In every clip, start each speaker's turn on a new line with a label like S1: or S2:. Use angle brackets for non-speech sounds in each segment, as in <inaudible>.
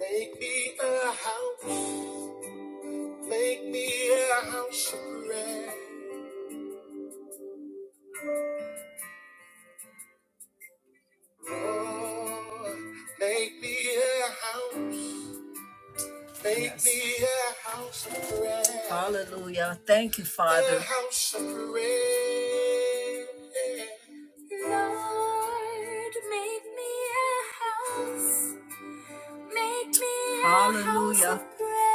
S1: Make me a house, make me a house of prayer. Oh, make me a house, make Yes. me a house of prayer. Hallelujah. Thank you, Father. A house of prayer. Lord, make me a house. Make me Hallelujah. a house of prayer.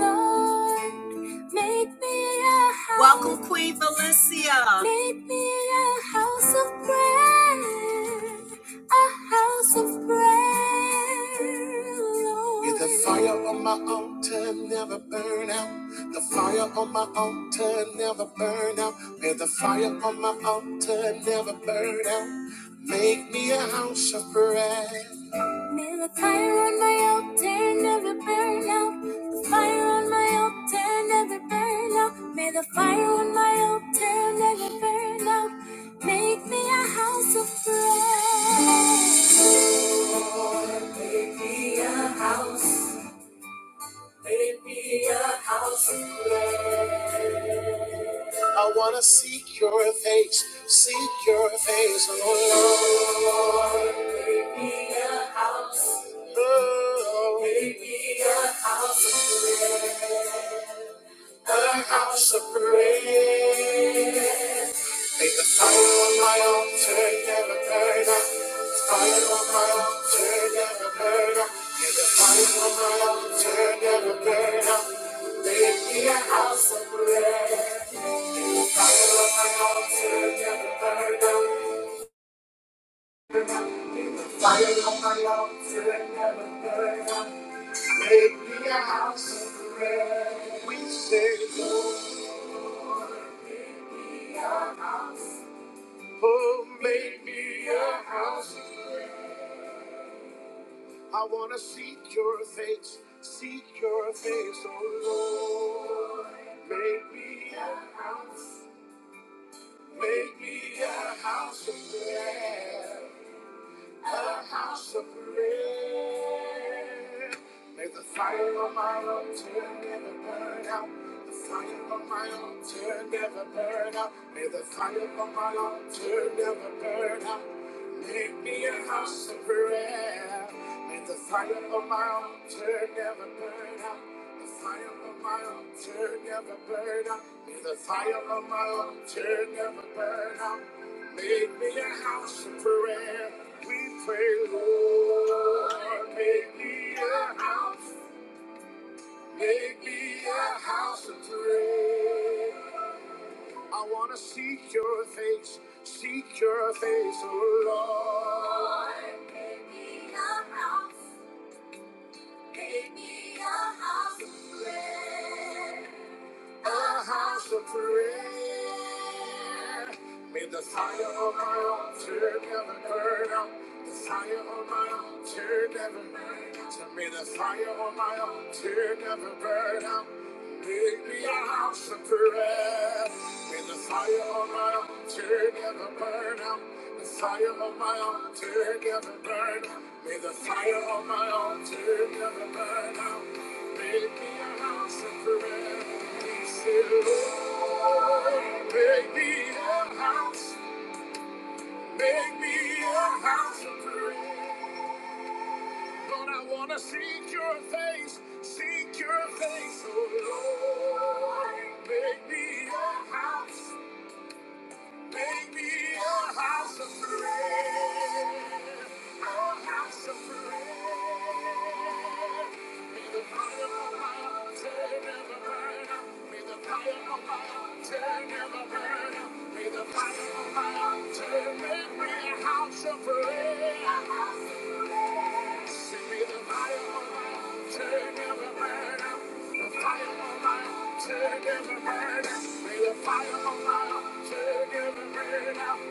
S1: Lord, make me a house- Welcome, Queen Felicia. Make me a house of prayer, a house of prayer, Lord. May the fire on my altar never burn out. The fire on my altar never burn out. May the fire on my altar never burn out. Make me a house of prayer. May the fire on my altar never burn out. The fire on my altar never burn out. May the fire on my altar never burn out. Make me a house of prayer. Make me a I wanna seek your face, seek your face, oh Lord. Oh, Make me a house of prayer. Make the fire on my altar never burn out. The fire on my altar never burn out. May the fire on my altar never burn out. It made me a house. We said, oh, oh, make me a house. I want to seek your face, seek your face, oh Lord. Make me a house. Make me a house of prayer. a house of prayer. May the fire on my altar never burn out. The fire on my altar never burn out. May the fire on my altar never burn out. Make me a house of prayer. May the fire on my altar never burn out. The fire on my altar never burn out. May the fire on my altar never burn out. Make me a house of prayer pray, Lord, make me a house, make me a house of prayer. I want to seek your face, seek your face, oh Lord. Make me a house, make me a house of prayer. a house of prayer. May the fire of my altar never burn out. The fire of my altar never burn out. So May the fire of my altar never burn out. Make me a house of prayer. May the fire of my altar never burn out. The fire of my altar never burn out. May the fire of my altar never burn out. Make me a house of prayer. Lord, make me a house, make me a house of prayer. Lord, I want to seek your face, seek your face, oh Lord. Make me a house, make me a house of prayer, a house of prayer. Turn every burn out. May the fire of my God turn every burn out.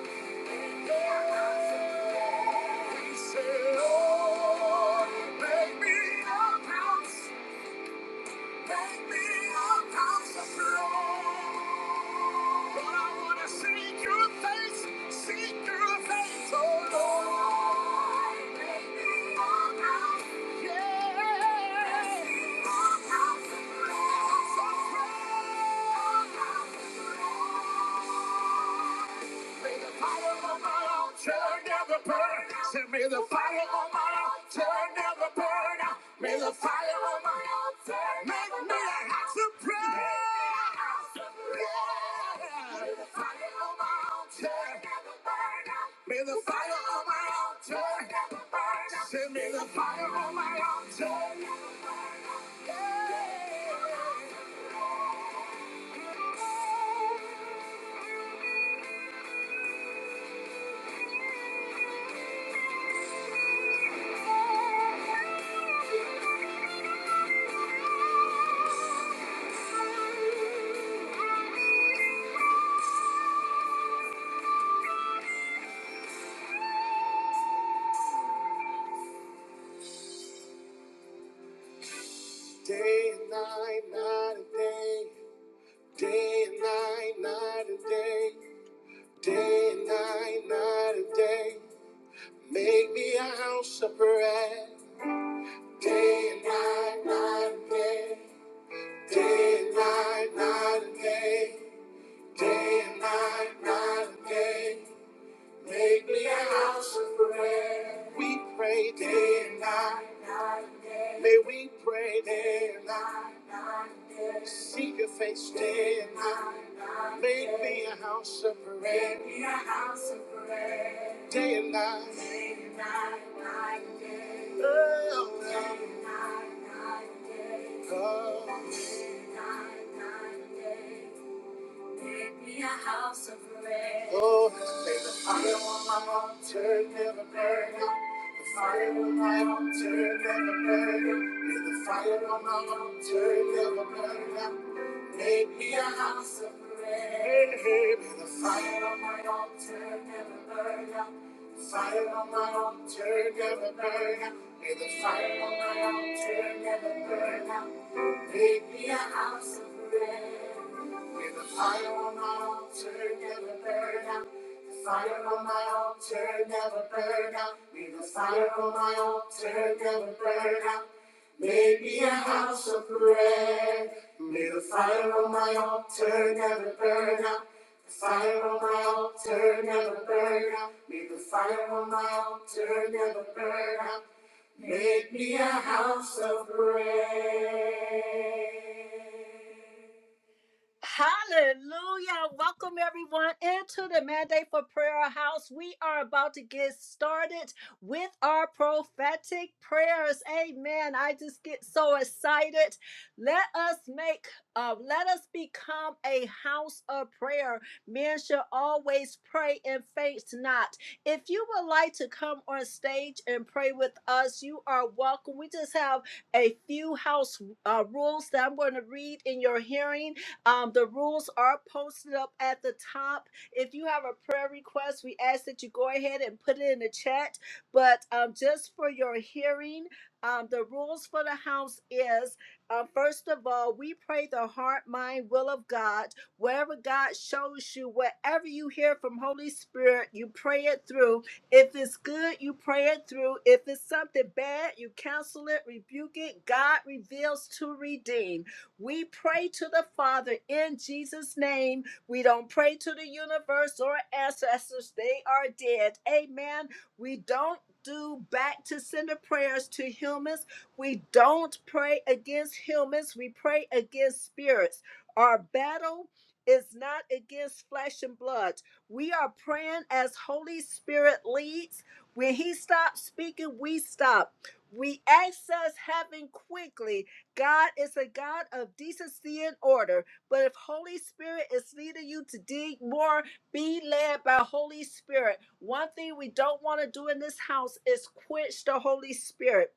S1: May the fire on my altar never burn out. May the fire on my altar make me a house of prayer. May the fire on my altar never burn out. Send me the fire. Day and night, night and day. Day and night, night and day. Day and night, night and day, make me a house of prayer. Day and night, night and day, day and night, night and day, day and night, night and day, make me a house of prayer. We pray day and night, may we pray day and night, seek your face day and night, make me a house of prayer. Day and night, day and night, night. and day. oh, oh. Make me a house of bread. Oh, may the fire on my altar never burn out. The fire on my altar never burn out. May the fire on my altar never burn out. Make me a house of bread. May the fire on my altar never burn out. The fire on my altar never burn out. May the fire on my altar never burn out. With the fire on my altar, never burn out. The fire on my altar, never burn out. With the fire on my altar, never burn out. Make me a house of prayer. May the fire on my altar never burn out. The fire on my altar never burn out. May the fire on my altar never burn out. Make me a house of prayer. Hallelujah. Welcome everyone into the Mandate for Prayer House. We are about to get started with our prophetic prayers. Amen. I just get so excited. Let us make uh, let us become a house of prayer. Men should always pray and faint not. If you would like to come on stage and pray with us, you are welcome. We just have a few house uh, rules that I'm going to read in your hearing um, the rules are posted up at the top. If you have a prayer request, we ask that you go ahead and put it in the chat. But um, just for your hearing, um, the rules for the house is uh, first of all, we pray the heart, mind, will of God. Whatever God shows you, whatever you hear from Holy Spirit, you pray it through. If it's good, you pray it through. If it's something bad, you counsel it, rebuke it. God reveals to redeem. We pray to the Father in Jesus' name. We don't pray to the universe or ancestors, they are dead. Amen. We don't do back to sender prayers to humans. We don't pray against humans, we pray against spirits. Our battle is not against flesh and blood. We are praying as Holy Spirit leads. When He stops speaking, we stop. We access heaven quickly God is a God of decency and order. But if Holy Spirit is leading you to dig more, be led by Holy Spirit. One thing we don't want to do in this house is quench the Holy Spirit.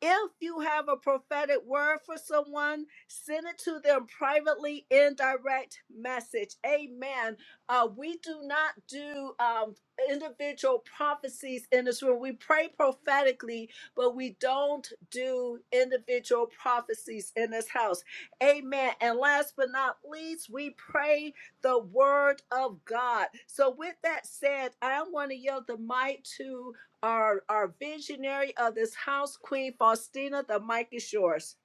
S1: If you have a prophetic word for someone, send it to them privately in direct message. Amen. Uh, we do not do um, individual prophecies in this room. We pray prophetically, but we don't do individual prophecies in this house. Amen. And last but not least, we pray the word of God. So, with that said, I want to yield the mic to our our visionary of this house, Queen Faustina. The mic is yours.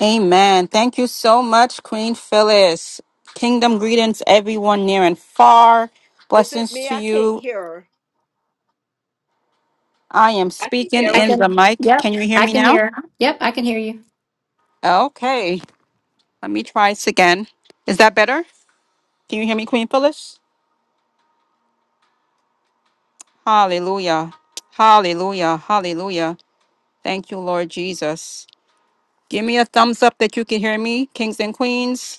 S2: Amen. Thank you so much, Queen Phyllis. Kingdom greetings, everyone near and far.
S1: Is it
S2: Blessings
S1: me?
S2: to
S1: I can't
S2: you.
S1: hear her.
S2: I am
S3: I can
S2: speaking
S3: hear
S4: I
S2: in the
S4: can,
S2: mic.
S4: yep,
S2: Can you hear
S4: I
S2: me
S4: can
S2: now?
S4: hear. Yep, I can hear you.
S2: Okay. Let me try this again. Is that better? Can you hear me, Queen Phyllis? Hallelujah. Hallelujah. Hallelujah. Thank you, Lord Jesus. Give me a thumbs up that you can hear me, kings and queens.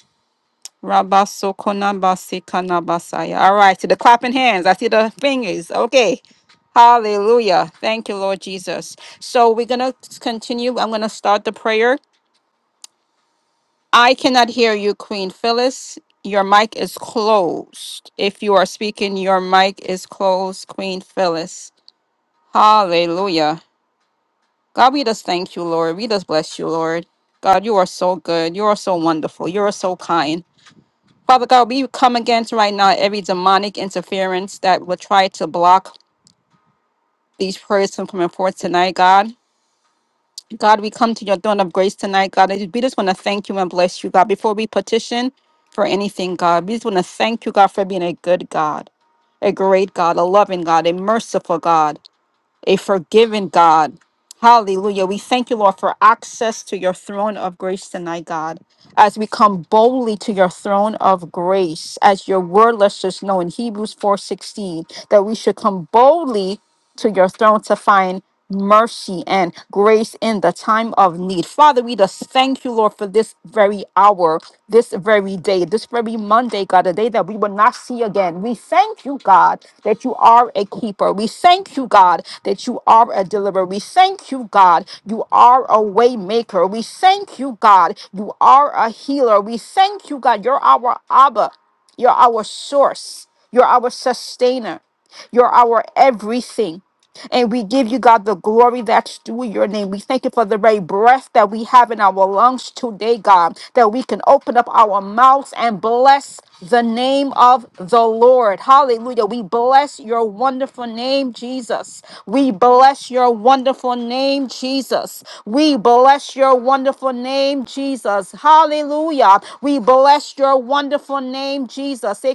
S2: Rabasokonabasekanabasaya. All right, to the clapping hands. I see the fingers. Okay. Hallelujah. Thank you, Lord Jesus. So we're going to continue. I'm going to start the prayer. I cannot hear you, Queen Phyllis. Your mic is closed. If you are speaking, your mic is closed, Queen Phyllis. Hallelujah. God, we just thank you, Lord. We just bless you, Lord. God, you are so good. You are so wonderful. You are so kind. Father God, we come against right now every demonic interference that will try to block these prayers from coming forth tonight, God. God, we come to your throne of grace tonight, God. and We just want to thank you and bless you, God. Before we petition for anything, God, we just want to thank you, God, for being a good God, a great God, a loving God, a merciful God a forgiving God. Hallelujah. We thank you, Lord, for access to your throne of grace tonight, God. As we come boldly to your throne of grace, as your word lets us know in Hebrews 4:16, that we should come boldly to your throne to find mercy and grace in the time of need. Father, we just thank you, Lord, for Lord, for this very hour, this very day, this very Monday, God, a day that we will not see again. We thank you, God, that you are a keeper. We thank you, God, that you are a deliverer. We thank you, God, you are a way maker. We thank you, God, you are a healer. We thank you, God, you're our Abba. You're our source. You're our sustainer. You're our everything. And we give you, God, the glory that's due your name. We thank you for the very breath that we have in our lungs today, God, that we can open up our mouths and bless the name of the Lord. Hallelujah. We bless your wonderful name, Jesus. We bless your wonderful name, Jesus. We bless your wonderful name, Jesus. Hallelujah. We bless your wonderful name, Jesus.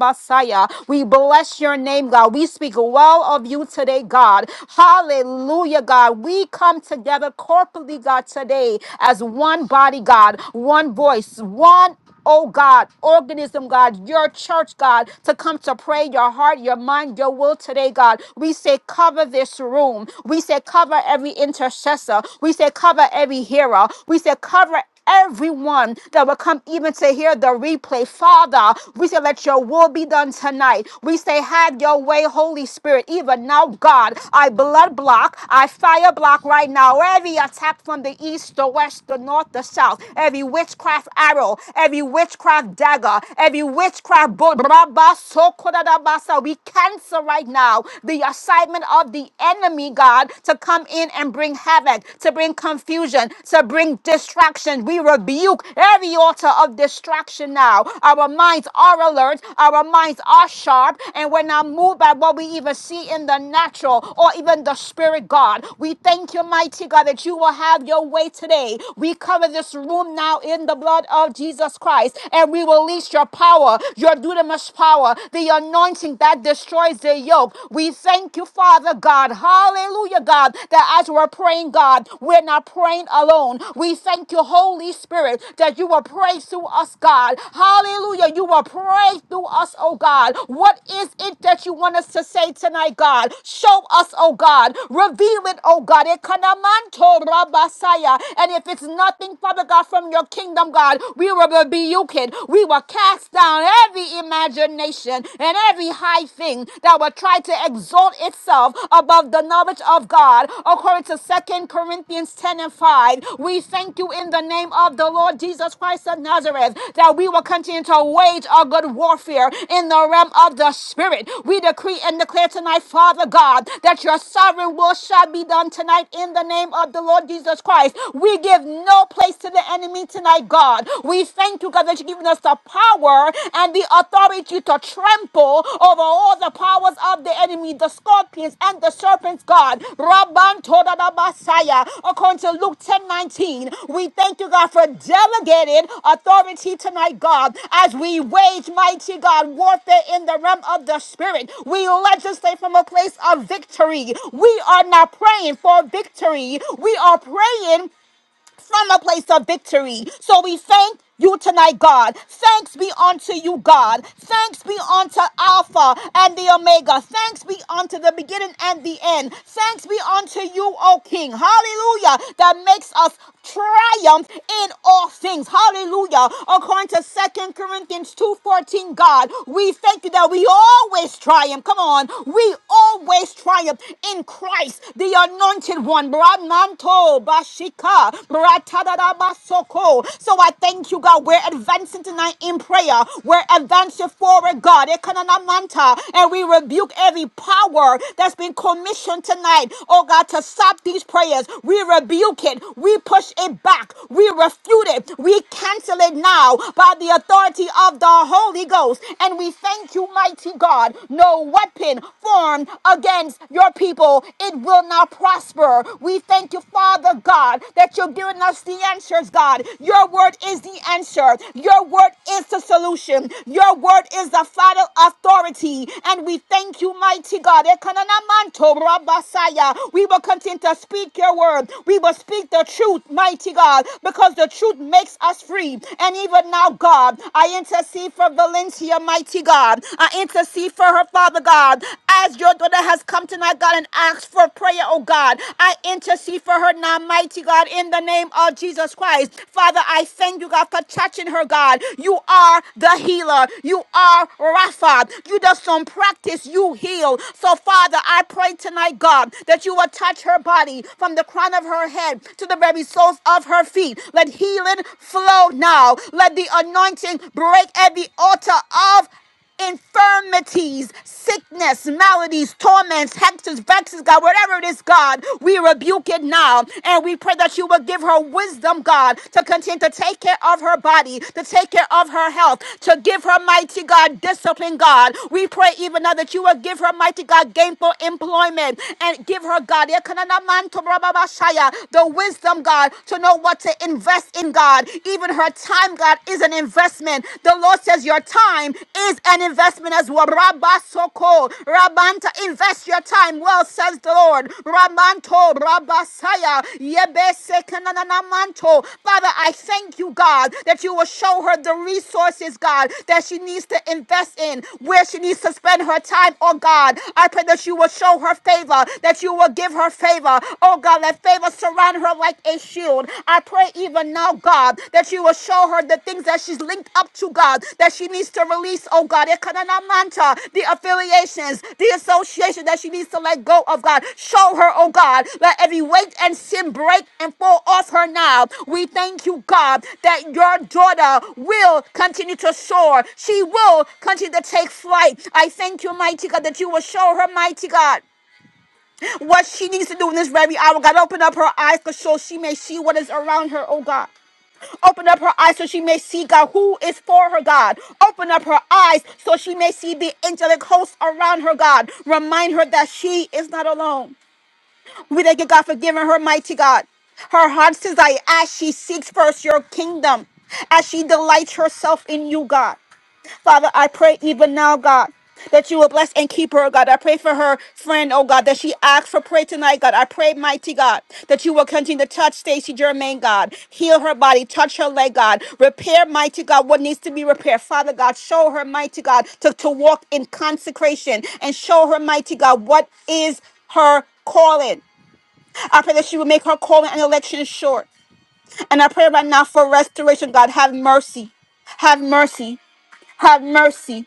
S2: Rabasaya. We bless your name, God. We speak well of you today, God. Hallelujah, God. We come together corporately, God, today as one body, God, one voice, one oh God, organism, God, your church, God, to come to pray your heart, your mind, your will today, God. We say, cover this room. We say, cover every intercessor. We say, cover every hearer. We say, cover everyone that will come even to hear the replay. Father, we say, let your will be done tonight. We say, have your way, Holy Spirit. Even now, God, I blood block, I fire block right now every attack from the east, the west, the north, the south, every witchcraft arrow, every witchcraft dagger, every witchcraft bolt. We cancel right now the assignment of the enemy, God, to come in and bring bring havoc, to bring confusion, to bring distraction. We rebuke every altar of distraction now. Our minds are alert, our minds are sharp, and we're not moved by what we even see in the natural or even the spirit, God. We thank you, mighty God, that you will have your way today. We cover this room now in the blood of Jesus Christ, and we release your power, your dunamis power, the anointing that destroys the yoke. We thank Thank you, Father God. Hallelujah, God, that as we're praying, God, we're not praying alone. We thank you, Holy Spirit, that you will pray through us, God. Hallelujah. You will pray through us, oh God. What is it that you want us to say tonight, God? Show us, oh God. Reveal it, oh God. Ekanamanto rabasaya. And if it's nothing, Father God, from your kingdom, God, we will rebuke it. We will cast down every imagination nation and every high thing that will try to exalt itself above the knowledge of God, according to Second Corinthians 10 and 5. We thank you in the name of the Lord Jesus Christ of Nazareth that we will continue to wage our good warfare in the realm of the Spirit. We decree and declare tonight, Father God, that your sovereign will shall be done tonight in the name of the Lord Jesus Christ. We give no place to the enemy tonight, God. We thank you, God, that you've given us the power and the authority to trample over all the powers of the enemy, the scorpions and the serpents, God. Rabban Toda da Basaya. According to Luke 10 19, we thank you, God, for delegated authority tonight, God, as we wage mighty God warfare in the realm of the spirit. We legislate from a place of victory. We are not praying for victory. We are praying from a place of victory. So we thank you tonight, God. Thanks be unto you, God. Thanks be unto Alpha and the Omega. Thanks be unto the beginning and the end. Thanks be unto you, O King. Hallelujah. That makes us triumph in all things. Hallelujah. According to Second Corinthians 2:14, God, we thank you that we always triumph. Come on. We always triumph in Christ, the anointed anointed one. Bramanto Bashika bratadada basoko. So I thank you, God. We're advancing tonight in prayer. We're advancing forward, God. Ekanana manta, And we rebuke every power that's been commissioned tonight, oh God, to stop these prayers. We rebuke it. We push it back. We refute it. We cancel it now by the authority of the Holy Ghost. And we thank you, mighty God. No weapon formed against your people, it will not prosper. We thank you, Father God, that you're giving us the answers, God. Your word is the answer. Your word is the solution. Your word is the final authority. And we thank you, mighty God. Ekananamanto rabasaya. We will continue to speak your word. We will speak the truth, mighty God, because the truth makes us free. And even now, God, I intercede for Valencia, mighty God. God. I intercede for her, Father God, as your daughter has come tonight, God, and asked for prayer, oh God. I intercede for her now, mighty God, in the name of Jesus Christ. Father, I thank you, God, for touching her, God. You are the healer. You are Rapha. You just don't practice, you heal. So, Father, I pray tonight, God, that you will touch her body from the crown of her head to the very soles of her feet. Let healing flow now. Let the anointing break every altar of infirmities, sickness, maladies, torments, hectors, vexes, God, whatever it is, God, we rebuke it now. And we pray that you will give her wisdom, God, to continue to take care of her body, to take care of her health, to give her mighty God discipline, God. We pray even now that you will give her mighty God gainful employment and give her, God, the wisdom, God, to know what to invest in, God, even her time, God, is an investment. The Lord says your time is an investment as well. Rabba Soko, Rabanta, invest your time. Well, says the Lord. Ramanto, Rabasaya, Yebese Kananamanto. Father, I thank you, God, that you will show her the resources, God, that she needs to invest in, where she needs to spend her time, oh God. I pray that you will show her favor, that you will give her favor. Oh God, let favor surround around her like a shield. I pray even now, God, that you will show her the things that she's linked up to, God, that she needs to release, oh God. Ekananamanta, The affiliations, the association that she needs to let go of, God. Show her, oh God, let every weight and sin break and fall off her now. We thank you, God, that your daughter will continue to soar. She will continue to take flight. I thank you, mighty God, that you will show her, mighty God what she needs to do in this very hour. God, open up her eyes so sure she may see what is around her, oh God. Open up her eyes so she may see God who is for her, God. Open up her eyes so she may see the angelic hosts around her, God. Remind her that she is not alone. We thank you, God, for giving her, mighty God. Her heart's desire as she seeks first your kingdom, as she delights herself in you, God. Father, I pray even now, God, that you will bless and keep her, God. I pray for her friend, oh God, that she asks for prayer tonight, God. I pray, mighty God, that you will continue to touch Stacy Germain, God. Heal her body, touch her leg, God. Repair, mighty God, what needs to be repaired. Father God, show her, mighty God, to, to walk in consecration and show her, mighty God, what is her calling. I pray that she will make her calling and election short. And I pray right now for restoration, God. Have mercy. Have mercy. Have mercy.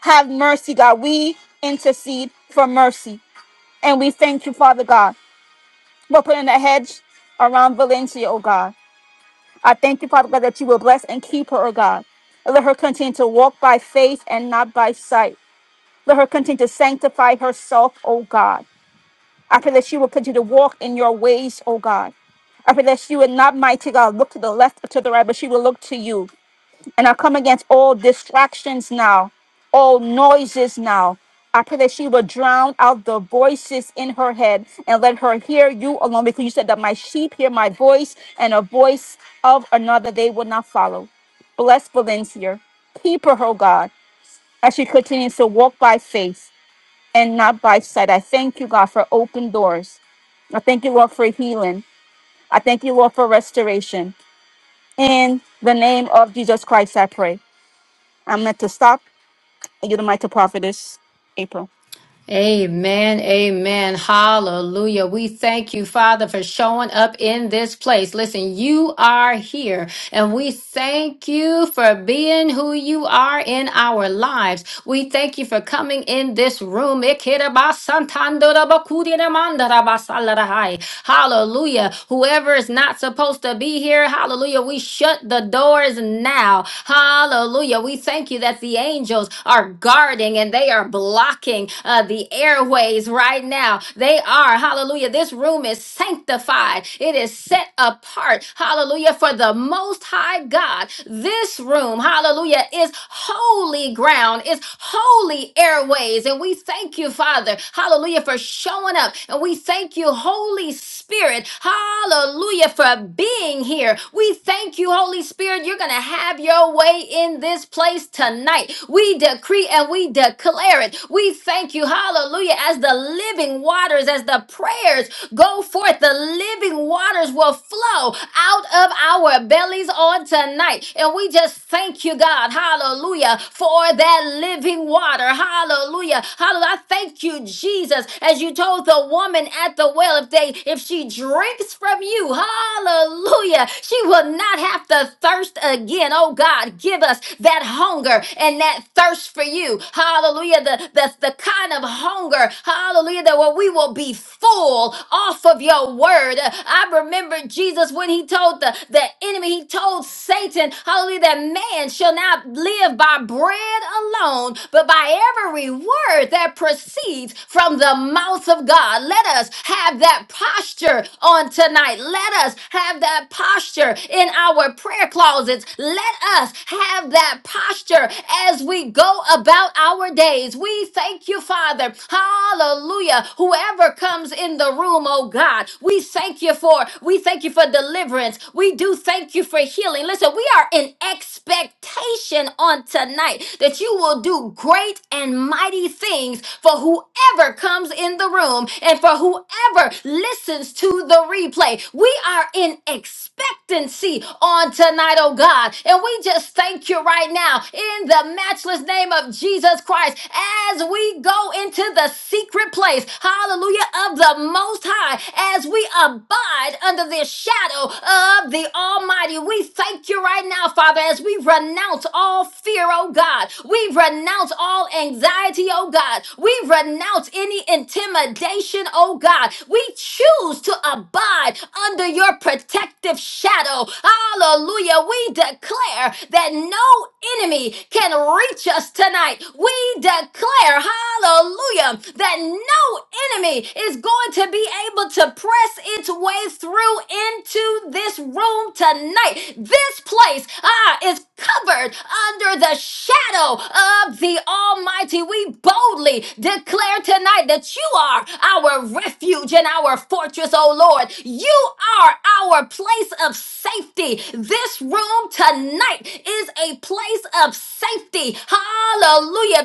S2: Have mercy, God. We intercede for mercy. And we thank you, Father God. We're putting a hedge around Valencia, oh God. I thank you, Father God, that you will bless and keep her, oh God. And Let her continue to walk by faith and not by sight. Let her continue to sanctify herself, oh God. I pray that you will continue to walk in your ways, oh God. I pray that she would not, mighty God, look to the left or to the right, but she will look to you. And I come against all distractions now, all noises now. I pray that she will drown out the voices in her head and let her hear you alone because you said that my sheep hear my voice and a voice of another they will not follow. Bless Valencia. Keep her, oh God, as she continues to walk by faith and not by sight. I thank you, God, for open doors. I thank you, Lord, for healing. I thank you, Lord, for restoration. In the name of Jesus Christ, I pray. I'm meant to stop and you're the mighty prophetess, April.
S4: Amen. Amen. Hallelujah. We thank you, Father, for showing up in this place. Listen, you are here, and we thank you for being who you are in our lives. We thank you for coming in this room. Ikirabasantandorabakuriramandarabasalarahai. Hallelujah. Whoever is not supposed to be here, hallelujah, we shut the doors now. Hallelujah. We thank you that the angels are guarding and they are blocking uh, the airways right now. They are, hallelujah. This room is sanctified, it is set apart, hallelujah, for the most high God. This room, hallelujah, is holy ground. It's holy airways. And we thank you, Father, hallelujah, for showing up. And we thank you, Holy Spirit, hallelujah, for being here. We thank you, Holy Spirit, you're going to have your way in this place tonight. We decree and we declare it. We thank you, hallelujah, as the living waters, as the prayers Go forth. The living waters will flow out of our bellies on tonight. And we just thank you, God. Hallelujah. For that living water. Hallelujah. Hallelujah. I thank you, Jesus, as you told the woman at the well, if they if she drinks from you, hallelujah, she will not have to thirst again. Oh God, give us that hunger and that thirst for you. Hallelujah. The the, the kind of hunger, hallelujah, that where we will be full off of your word. I remember Jesus when he told the, the enemy, he told Satan, hallelujah, that man shall not live by bread alone, but by every word that proceeds from the mouth of God. Let us have that posture on tonight. Let us have that posture in our prayer closets. Let us have that posture posture as we go about our days. We thank you, Father. Hallelujah. Whoever comes in the room, oh God, we thank you for. We thank you for deliverance. We do thank you for healing. Listen, we are in expectation on tonight that you will do great and mighty things for whoever comes in the room and for whoever listens to the replay. We are in expectancy urgency on tonight, oh God. And we just thank you right now in the matchless name of Jesus Christ as we go into the secret place, hallelujah, of the Most High, as we abide under the shadow of the Almighty. We thank you right now, Father, as we renounce all fear, oh God. We renounce all anxiety, oh God. We renounce any intimidation, oh God. We choose to abide under your protective shadow. Hallelujah. We declare that no enemy can reach us tonight. We declare, hallelujah, that no enemy is going to be able to press its way through into this room tonight. This place ah, is covered under the shadow of the Almighty. We boldly today declare tonight that you are our refuge and our fortress, oh Lord. You are our place of safety. This room tonight is a place of safety. Hallelujah.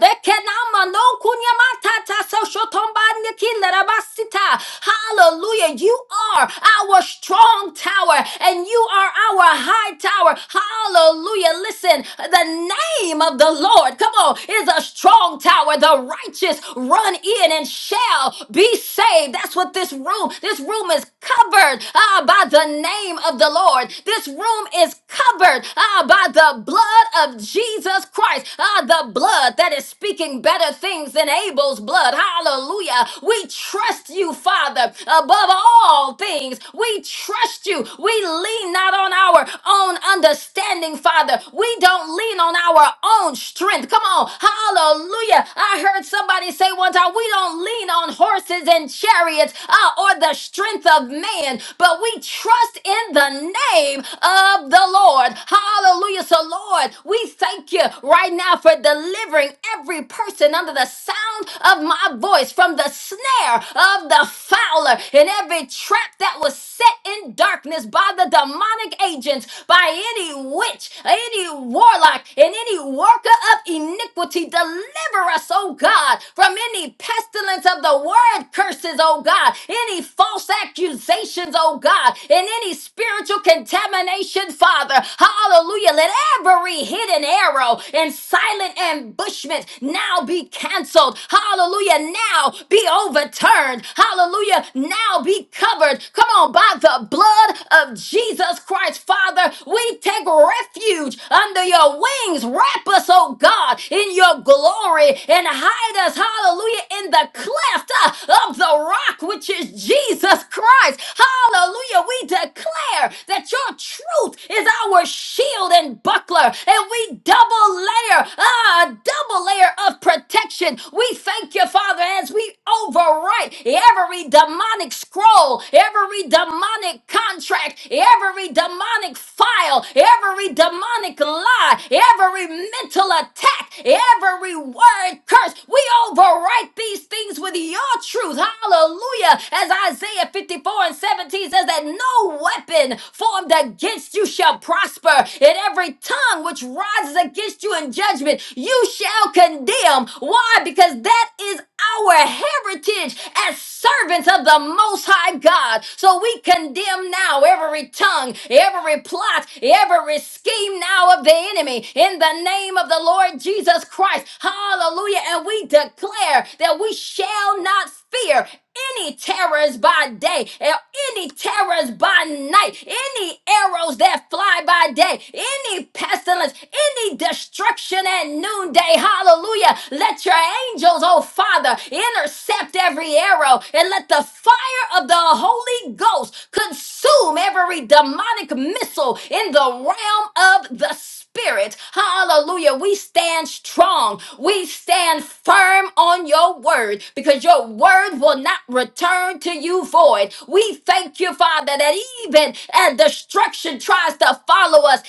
S4: Hallelujah. You are our strong tower and you are our high tower. Hallelujah. Listen, the name of the Lord, come on, is a strong tower. The righteous run in and shall be saved. That's what this room, this room is covered ah, by the name of the Lord. This room is covered ah, by the blood of Jesus Christ. Ah, the blood that is speaking better things than Abel's blood. Hallelujah. We trust you, Father, above all things. We trust you. We lean not not on our own understanding, Father. We don't lean on our own strength. Come on. Hallelujah. I heard somebody say one time, we don't lean on horses and chariots uh, or the strength of man, but we trust in the name of the Lord. Hallelujah. So, Lord, we thank you right now for delivering every person under the sound of my voice from the snare of the fowler dweller in every trap that was set in darkness by the demonic agents, by any witch, any warlock, and any worker of iniquity. Deliver us, oh God, from any pestilence of the word curses, oh God, any false accusations, oh God, and any spiritual contamination, Father. Hallelujah. Let every hidden arrow and silent ambushment now be canceled canceled. Hallelujah. Now be overturned. Hallelujah. Now be covered. Come on, by the blood of Jesus Christ, Father, we take refuge under your wings. Wrap us, oh God, in your glory and hide us, hallelujah, in the cleft uh, of the rock, which is Jesus Christ. Hallelujah. We declare that your truth is our shield and buckler and we double layer, ah, a double layer of protection. We thank you, Father, as we overwrite every demonic scroll, every demonic contract, every demonic file, every demonic lie, every mental attack back every word curse. We overwrite these things with your truth. Hallelujah. As Isaiah 54 and 17 says that no weapon formed against you shall prosper. In every tongue which rises against you in judgment, you shall condemn. Why? Because and that is our heritage as servants of the Most High God. So we condemn now every tongue, every plot, every scheme now of the enemy in the name of the Lord Jesus Christ. Hallelujah. And we declare that we shall not fear any terrors by day, or any terrors by night, any arrows that fly by day, any pestilence, any destruction at noonday. Hallelujah. Let your angels, oh Father, intercept every arrow and let the fire of the Holy Ghost consume every demonic missile in the realm of the Spirit. Hallelujah. We stand strong. We stand firm on your word because your word will not return to you void. We thank you, Father, that even as destruction tries to follow us,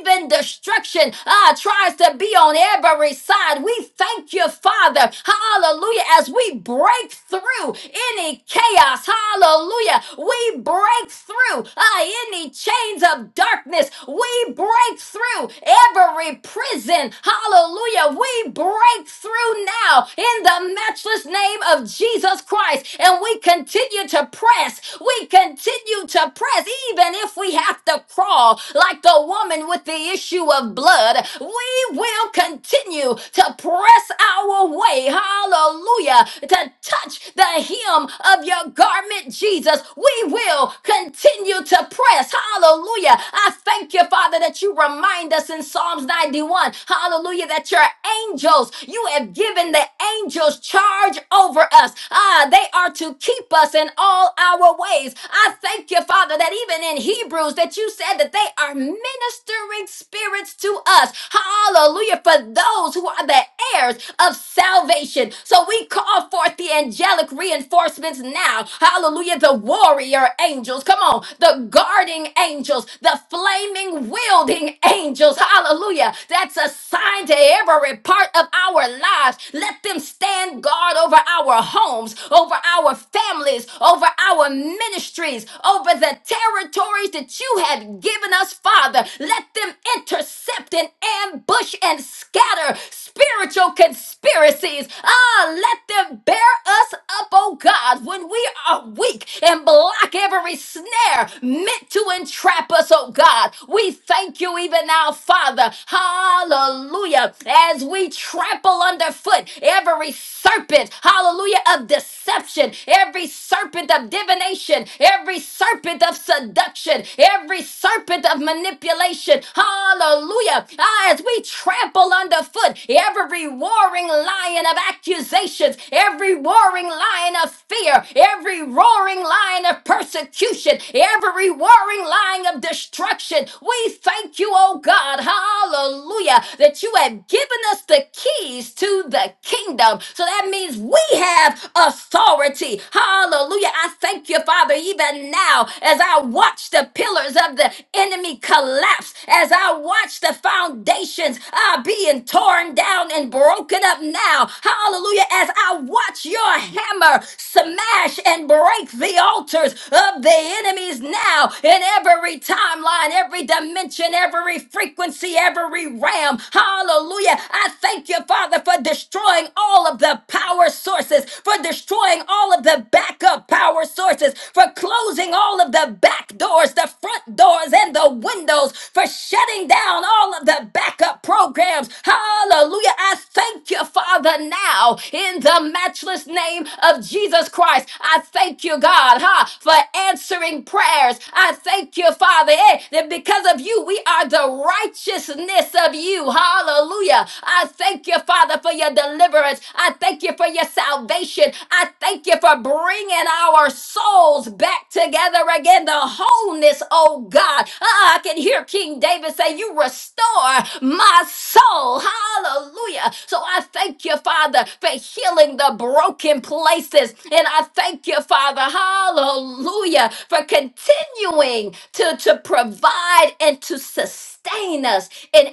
S4: even destruction uh, tries to be on every side, we thank you, Father. Hallelujah. As we we break through any chaos. Hallelujah. We break through uh, any chains of darkness. We break through every prison. Hallelujah. We break through now in the matchless name of Jesus Christ. And we continue to press. We continue to press, even if we have to crawl like the woman with the issue of blood. We will continue to press press our way, hallelujah, to touch the hem of your garment, Jesus. We will continue to press, hallelujah. I thank you, Father, that you remind us in Psalms 91, hallelujah, that your angels, you have given the angels charge over us. Ah, they are to keep us in all our ways. I thank you, Father, that even in Hebrews, that you said that they are ministering spirits to us. Hallelujah. For those who are the heirs of salvation. So we call forth the angelic reinforcements now. Hallelujah. The warrior angels. Come on. The guarding angels. The flaming wielding angels. Hallelujah. That's assigned to every part of our lives. Let them stand guard over our homes, over our families, over our ministries, over the territories that you have given us us, Father. Let them intercept and ambush and scatter spiritual conspiracies. Ah, let them bear us up, oh God, when we are weak and block every snare meant to entrap us, oh God. We thank you even now, Father. Hallelujah. As we trample underfoot every serpent, hallelujah, of deception, every serpent of divination, every serpent serpent of seduction, every serpent of manipulation. Hallelujah. Ah, as we trample underfoot every roaring lion of accusations, every roaring lion of fear, every roaring lion of persecution, every roaring lion of destruction. We thank you, oh God. Hallelujah. That you have given us the keys to the kingdom. So that means we have authority. Hallelujah. I thank you, Father, even now as I watch the pillars of the enemy collapse, as I watch the foundations are being torn down and broken up now. Hallelujah. As I watch your hammer smash and break the altars of the enemies now in every timeline, every dimension, every frequency, every realm. Hallelujah. I thank you, Father, for destroying all of the power power sources, for destroying all of the backup power sources, for closing all of the back doors, the front doors, and the windows, for shutting down all of the backup programs. Hallelujah. I thank you, Father, now in the matchless name of Jesus Christ. I thank you, God, huh, for answering prayers. I thank you, Father, eh, that because of you, we are the righteousness of you. Hallelujah. I thank you, Father, for your deliverance. I thank you for your salvation. I thank you for bringing our souls back together again, the wholeness, oh God. Ah, I can hear King David say, You restore my soul. Hallelujah. So I thank you, Father, for healing the broken places. And I thank you, Father, hallelujah, for continuing to, to provide and to sustain us in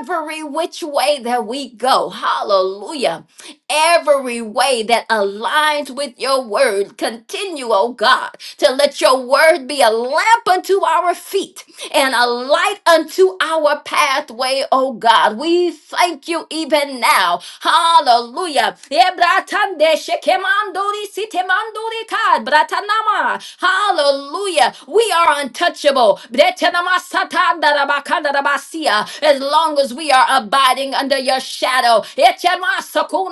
S4: every which way that we go. Hallelujah. Every way that aligns with your word. Continue, oh God, to let your word be a lamp unto our feet and a light unto our pathway, oh God. We thank you even now. Hallelujah. Ebratande shekemandori sitemandori kad bratanama. Hallelujah. We are untouchable. Bretanama satandarabakandarabasiya. As long as we are abiding under your shadow. Echema sakunda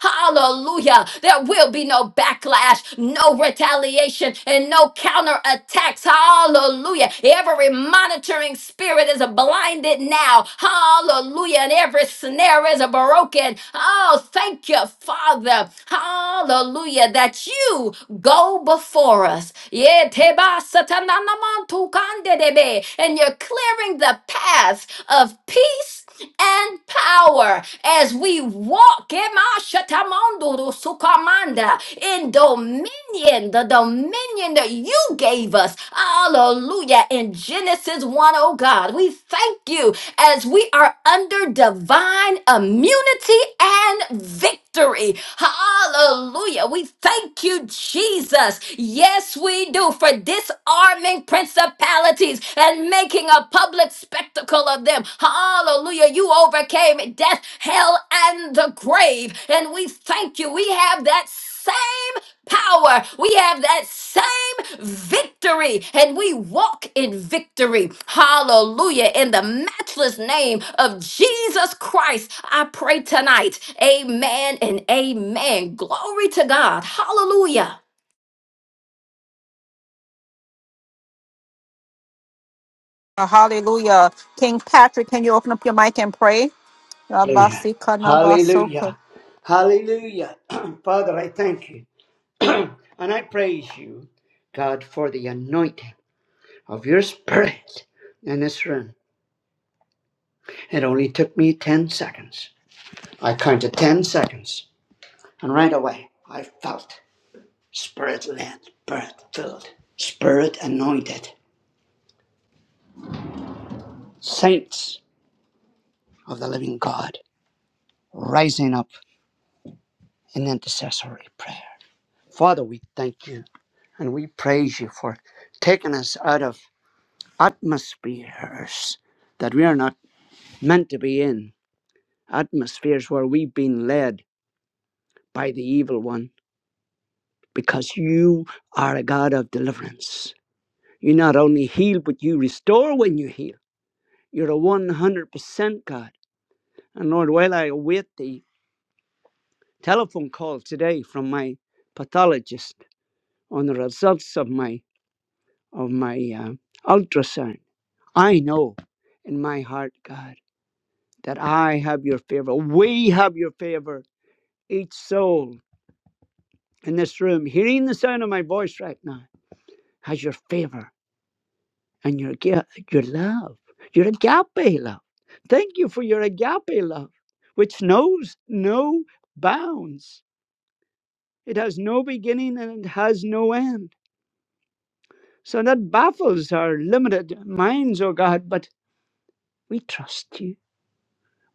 S4: Hallelujah. There will be no backlash, no retaliation, and no counterattacks. Hallelujah. Every monitoring spirit is blinded now. Hallelujah. And every snare is broken. Oh, thank you, Father. Hallelujah. That you go before us. Yeah, Yetebasatanamantukandedebe. And you're clearing the path of peace and power as we walk Kemashatamondoro sukamanda, in dominion, the dominion that you gave us. Hallelujah. In Genesis one, oh God, we thank you as we are under divine immunity and victory. Hallelujah. We thank you, Jesus. Yes, we do for disarming principalities and making a public spectacle of them. Hallelujah. You overcame death, hell, and the grave. And we thank you. We have that power. We have that same victory and we walk in victory. Hallelujah. In the matchless name of Jesus Christ, I pray tonight. Amen and amen. Glory to God. Hallelujah.
S2: Uh, Hallelujah. King Patrick, can you open up your mic and pray?
S5: Hallelujah. Hallelujah. Hallelujah. <clears throat> Father, I thank you. <clears throat> and I praise you, God, for the anointing of your spirit in this room. It only took me 10 seconds. I counted 10 seconds. And right away, I felt spirit led, spirit filled, spirit anointed. Saints of the living God rising up in intercessory prayer. Father, we thank you and we praise you for taking us out of atmospheres that we are not meant to be in, atmospheres where we've been led by the evil one, because you are a God of deliverance. You not only heal, but you restore when you heal. You're a 100% God. And Lord, while I await the telephone call today from my pathologist on the results of my of my uh, ultrasound. I know in my heart, God, that I have your favor. We have your favor. Each soul in this room hearing the sound of my voice right now has your favor and your gi- your love, your agape love. Thank you for your agape love, which knows no bounds. It has no beginning and it has no end. So that baffles our limited minds, O God, but we trust you.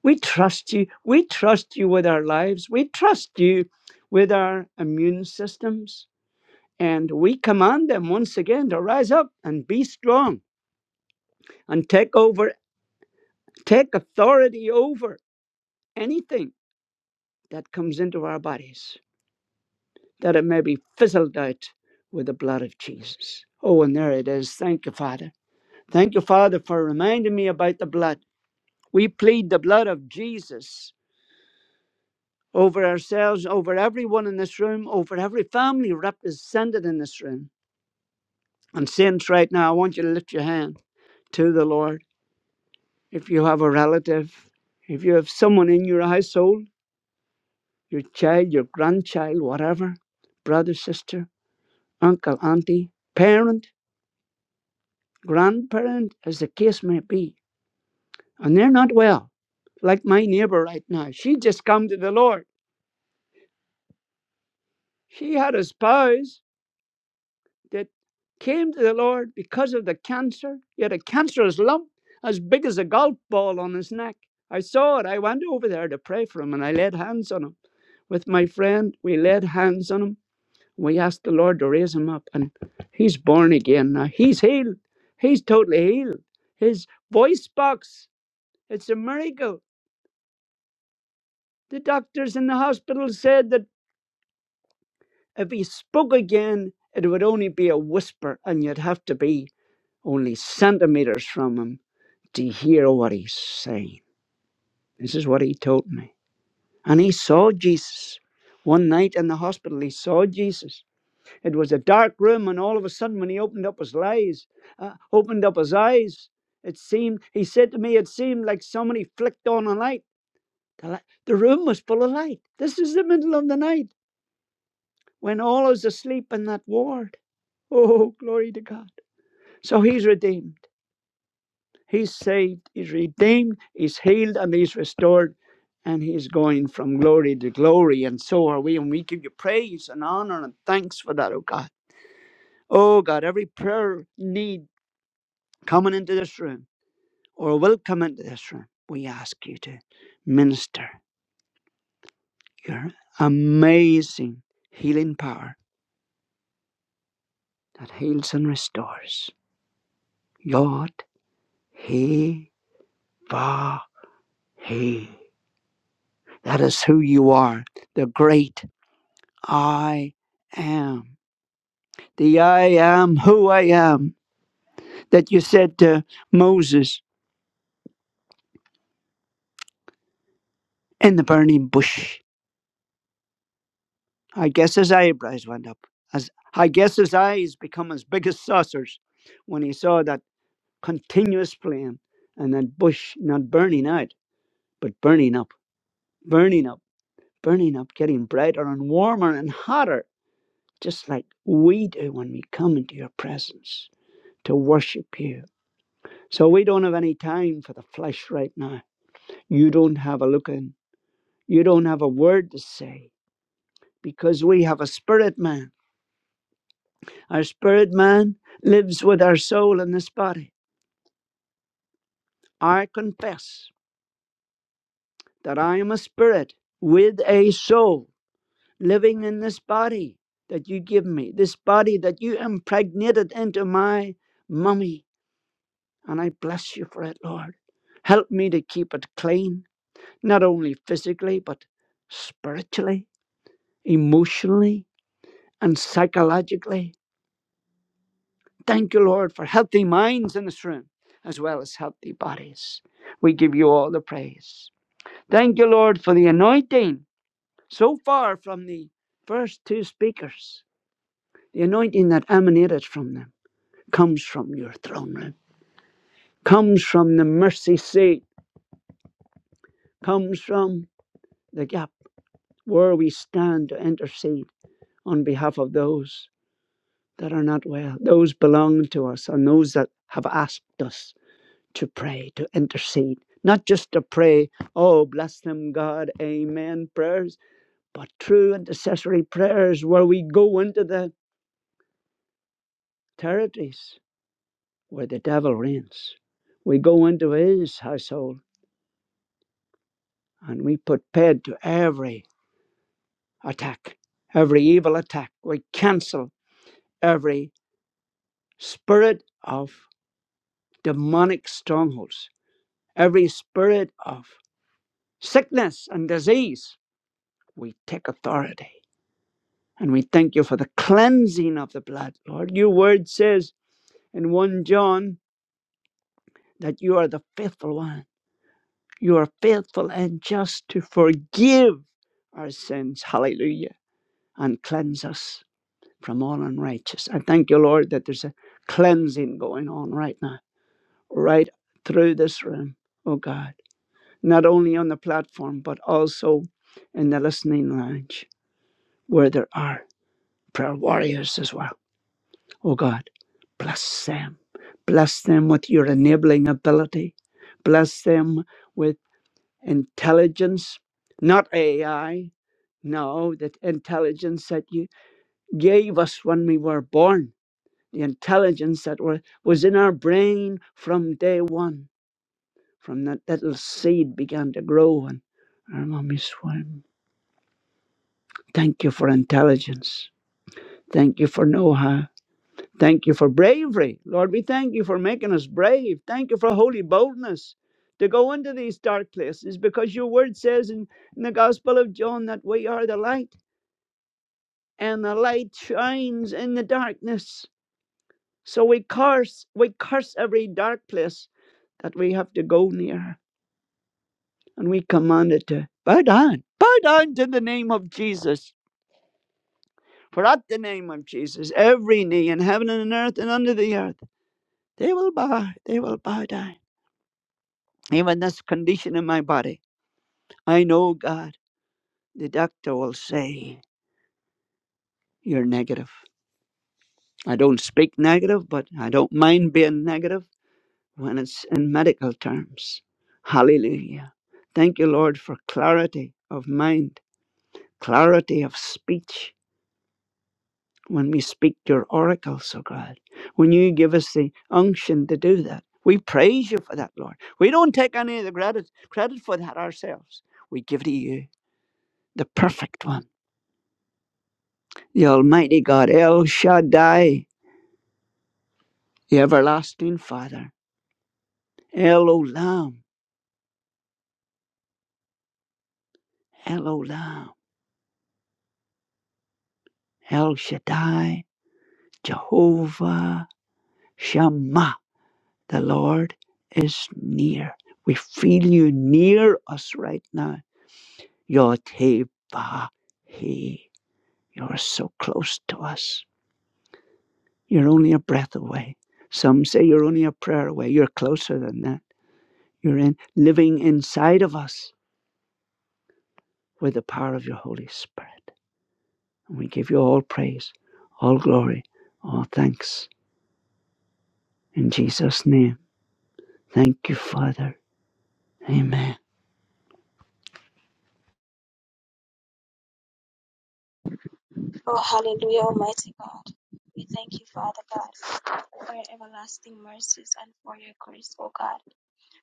S5: We trust you. We trust you with our lives. We trust you with our immune systems. And we command them once again to rise up and be strong and take over, take authority over anything that comes into our bodies, that it may be fizzled out with the blood of Jesus. Oh, and there it is. Thank you, Father. Thank you, Father, for reminding me about the blood. We plead the blood of Jesus over ourselves, over everyone in this room, over every family represented in this room. And saints, right now, I want you to lift your hand to the Lord. If you have a relative, if you have someone in your household, your child, your grandchild, whatever, brother, sister, uncle, auntie, parent, grandparent, as the case may be, and they're not well, like my neighbor right now. She just come to the Lord. She had a spouse, that came to the Lord because of the cancer. He had a cancerous lump as big as a golf ball on his neck. I saw it. I went over there to pray for him and I laid hands on him. With my friend, we laid hands on him. We asked the Lord to raise him up and he's born again now. He's healed. He's totally healed. His voice box, it's a miracle. The doctors in the hospital said that if he spoke again, it would only be a whisper and you'd have to be only centimeters from him to hear what he's saying. This is what he told me. And he saw Jesus. One night in the hospital, he saw Jesus. It was a dark room, and all of a sudden, when he opened up his eyes, uh, opened up his eyes, it seemed. He said to me, "It seemed like somebody flicked on a light. The, li- the room was full of light. This is the middle of the night when all is asleep in that ward. Oh, glory to God! So he's redeemed." He's saved, he's redeemed, he's healed, and he's restored, and he's going from glory to glory. And so are we. And we give you praise and honor and thanks for that, oh God. Oh God, every prayer need coming into this room or will come into this room, we ask you to minister your amazing healing power that heals and restores. God, He, Ba, He. That is who you are, the great. I am. The I am who I am that you said to Moses in the burning bush. I guess his eyebrows went up. As I guess his eyes become as big as saucers when he saw that continuous flame and that bush not burning out, but burning up, burning up, burning up, getting brighter and warmer and hotter, just like we do when we come into your presence to worship you. So we don't have any time for the flesh right now. You don't have a look in. You don't have a word to say because we have a spirit man. Our spirit man lives with our soul in this body. I confess that I am a spirit with a soul living in this body that you give me, this body that you impregnated into my mummy. And I bless you for it, Lord. Help me to keep it clean, not only physically, but spiritually, emotionally, and psychologically Thank you, Lord, for healthy minds in this room as well as healthy bodies. We give you all the praise. Thank you, Lord, for the anointing so far from the first two speakers. The anointing that emanated from them comes from your throne room, comes from the mercy seat, comes from the gap where we stand to intercede on behalf of those that are not well, those belong to us, and those that have asked us to pray, to intercede, not just to pray, oh, bless them, God, amen prayers, but true intercessory prayers where we go into the territories where the devil reigns. We go into his household and we put paid to every attack, every evil attack. We cancel every spirit of demonic strongholds, every spirit of sickness and disease. We take authority And we thank you for the cleansing of the blood, Lord. Your word says in 1 John that you are the faithful one. You are faithful and just to forgive our sins. Hallelujah. And cleanse us from all unrighteous. I thank you, Lord, that there's a cleansing going on right now, right through this room, oh God. Not only on the platform, but also in the listening lounge where there are prayer warriors as well, oh God. Bless them. Bless them with your enabling ability. Bless them with intelligence, not AI. No, that intelligence that you gave us when we were born, the intelligence that were, was in our brain from day one, from that little seed began to grow and our mommy swam. Thank you for intelligence. Thank you for know how. Thank you for bravery. Lord, we thank you for making us brave. Thank you for holy boldness to go into these dark places because your word says in, in the Gospel of John that we are the light and the light shines in the darkness. So we curse, we curse every dark place that we have to go near and we command it to bow down, bow down to the name of Jesus. For at the name of Jesus, every knee in heaven and on earth and under the earth, they will bow, they will bow down. even this condition in my body. I know, God, the doctor will say, You're negative. I don't speak negative, but I don't mind being negative when it's in medical terms. Hallelujah. Thank you, Lord, for clarity of mind, clarity of speech when we speak your oracles, oh God. When you give us the unction to do that, we praise you for that, Lord. We don't take any of the credit, credit for that ourselves. We give to you, the perfect one the Almighty God, El Shaddai, the everlasting Father, El Olam, El Olam, El Shaddai, Jehovah Shammah, the Lord is near. We feel you near us right now. Yoteba, He, you're so close to us. You're only a breath away. Some say you're only a prayer away. You're closer than that. You're in living inside of us with the power of your Holy Spirit. And we give you all praise, all glory, all thanks. In Jesus' name. Thank you, Father. Amen.
S6: Oh, hallelujah, Almighty God. We thank you, Father God, for your everlasting mercies and for your grace, O God.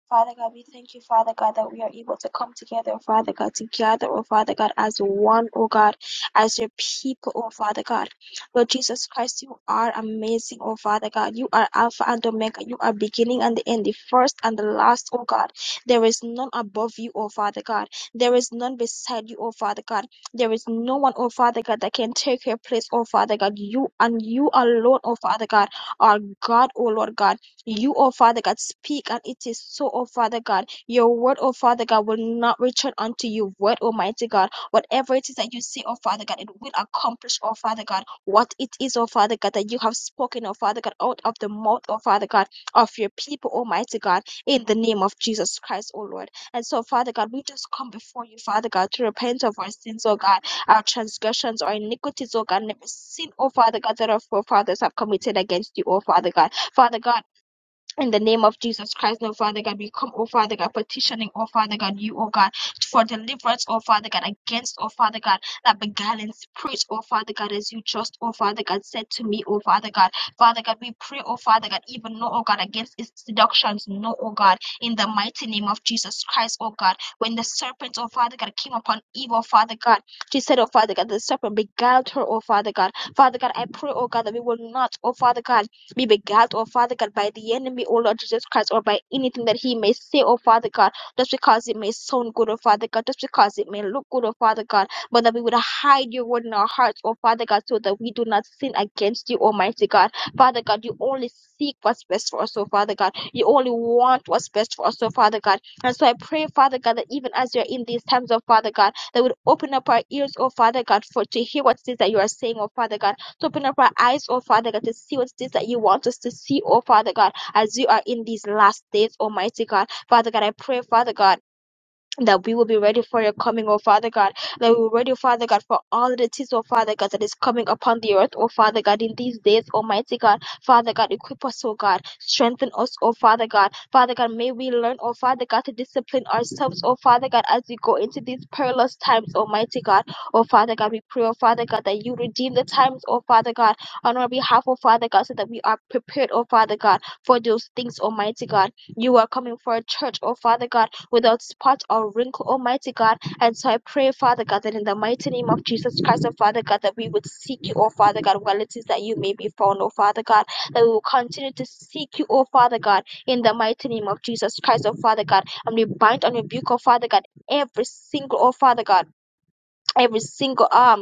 S6: Father God, we thank you, Father God, that we are able to come together, Father God, together, oh Father God, as one, oh God, as your people, oh Father God. Lord Jesus Christ, you are amazing, oh Father God. You are Alpha and Omega. You are beginning and the end, the first and the last, oh God. There is none above you, oh Father God. There is none beside you, oh Father God. There is no one, oh Father God, that can take your place, oh Father God. You and you alone, oh Father God, are God, oh Lord God. You, O Father God, speak, and it is so, O Father God. Your word, O Father God, will not return unto you. Word, Almighty God, whatever it is that you say, O Father God, it will accomplish, O Father God, what it is, O Father God, that you have spoken, O Father God, out of the mouth, O Father God, of your people, Almighty God, in the name of Jesus Christ, O Lord. And so, Father God, we just come before you, Father God, to repent of our sins, O God, our transgressions, our iniquities, O God, and every sin, O Father God, that our forefathers have committed against you, O Father God. Father God, in the name of Jesus Christ, oh Father God, we come, oh Father God, petitioning, oh Father God, you, oh God, for deliverance, oh Father God, against, oh Father God, that beguiling spirit, oh Father God, as you just, oh Father God, said to me, oh Father God, Father God, we pray, oh Father God, even no, oh God, against its seductions, no, oh God, in the mighty name of Jesus Christ, oh God, when the serpent, oh Father God, came upon Eve, oh Father God, she said, oh Father God, the serpent beguiled her, oh Father God, Father God, I pray, oh God, that we will not, oh Father God be beguiled, O Father God, by the enemy, O Lord Jesus Christ, or by anything that he may say, O Father God, just because it may sound good, O Father God, just because it may look good, O Father God, but that we would hide your word in our hearts, O Father God, so that we do not sin against you, Almighty God. Father God, you only seek what's best for us, O Father God. You only want what's best for us, O Father God. And so I pray, Father God, that even as you're in these times, O Father God, that would open up our ears, O Father God, for to hear what it is that you are saying, O Father God to open up our eyes, oh Father God, to see what it is that you want us to see, oh Father God, as you are in these last days, Almighty God. Father God, I pray, Father God that we will be ready for your coming, O Father God. That we will be ready, Father God, for all that is, O Father God, that is coming upon the earth, O Father God, in these days, Almighty God. Father God, equip us, O God. Strengthen us, O Father God. Father God, may we learn, O Father God, to discipline ourselves, O Father God, as we go into these perilous times, Almighty God. O Father God, we pray, O Father God, that you redeem the times, O Father God, on our behalf, O Father God, so that we are prepared, O Father God, for those things, Almighty God. You are coming for a church, O Father God without spot or wrinkle, Almighty God. And so I pray, Father God, that in the mighty name of Jesus Christ, oh Father God, that we would seek you, oh Father God, while it is that you may be found, oh Father God, that we will continue to seek you, oh Father God, in the mighty name of Jesus Christ, oh Father God. And we bind and rebuke, oh Father God, every single, oh Father God, every single arm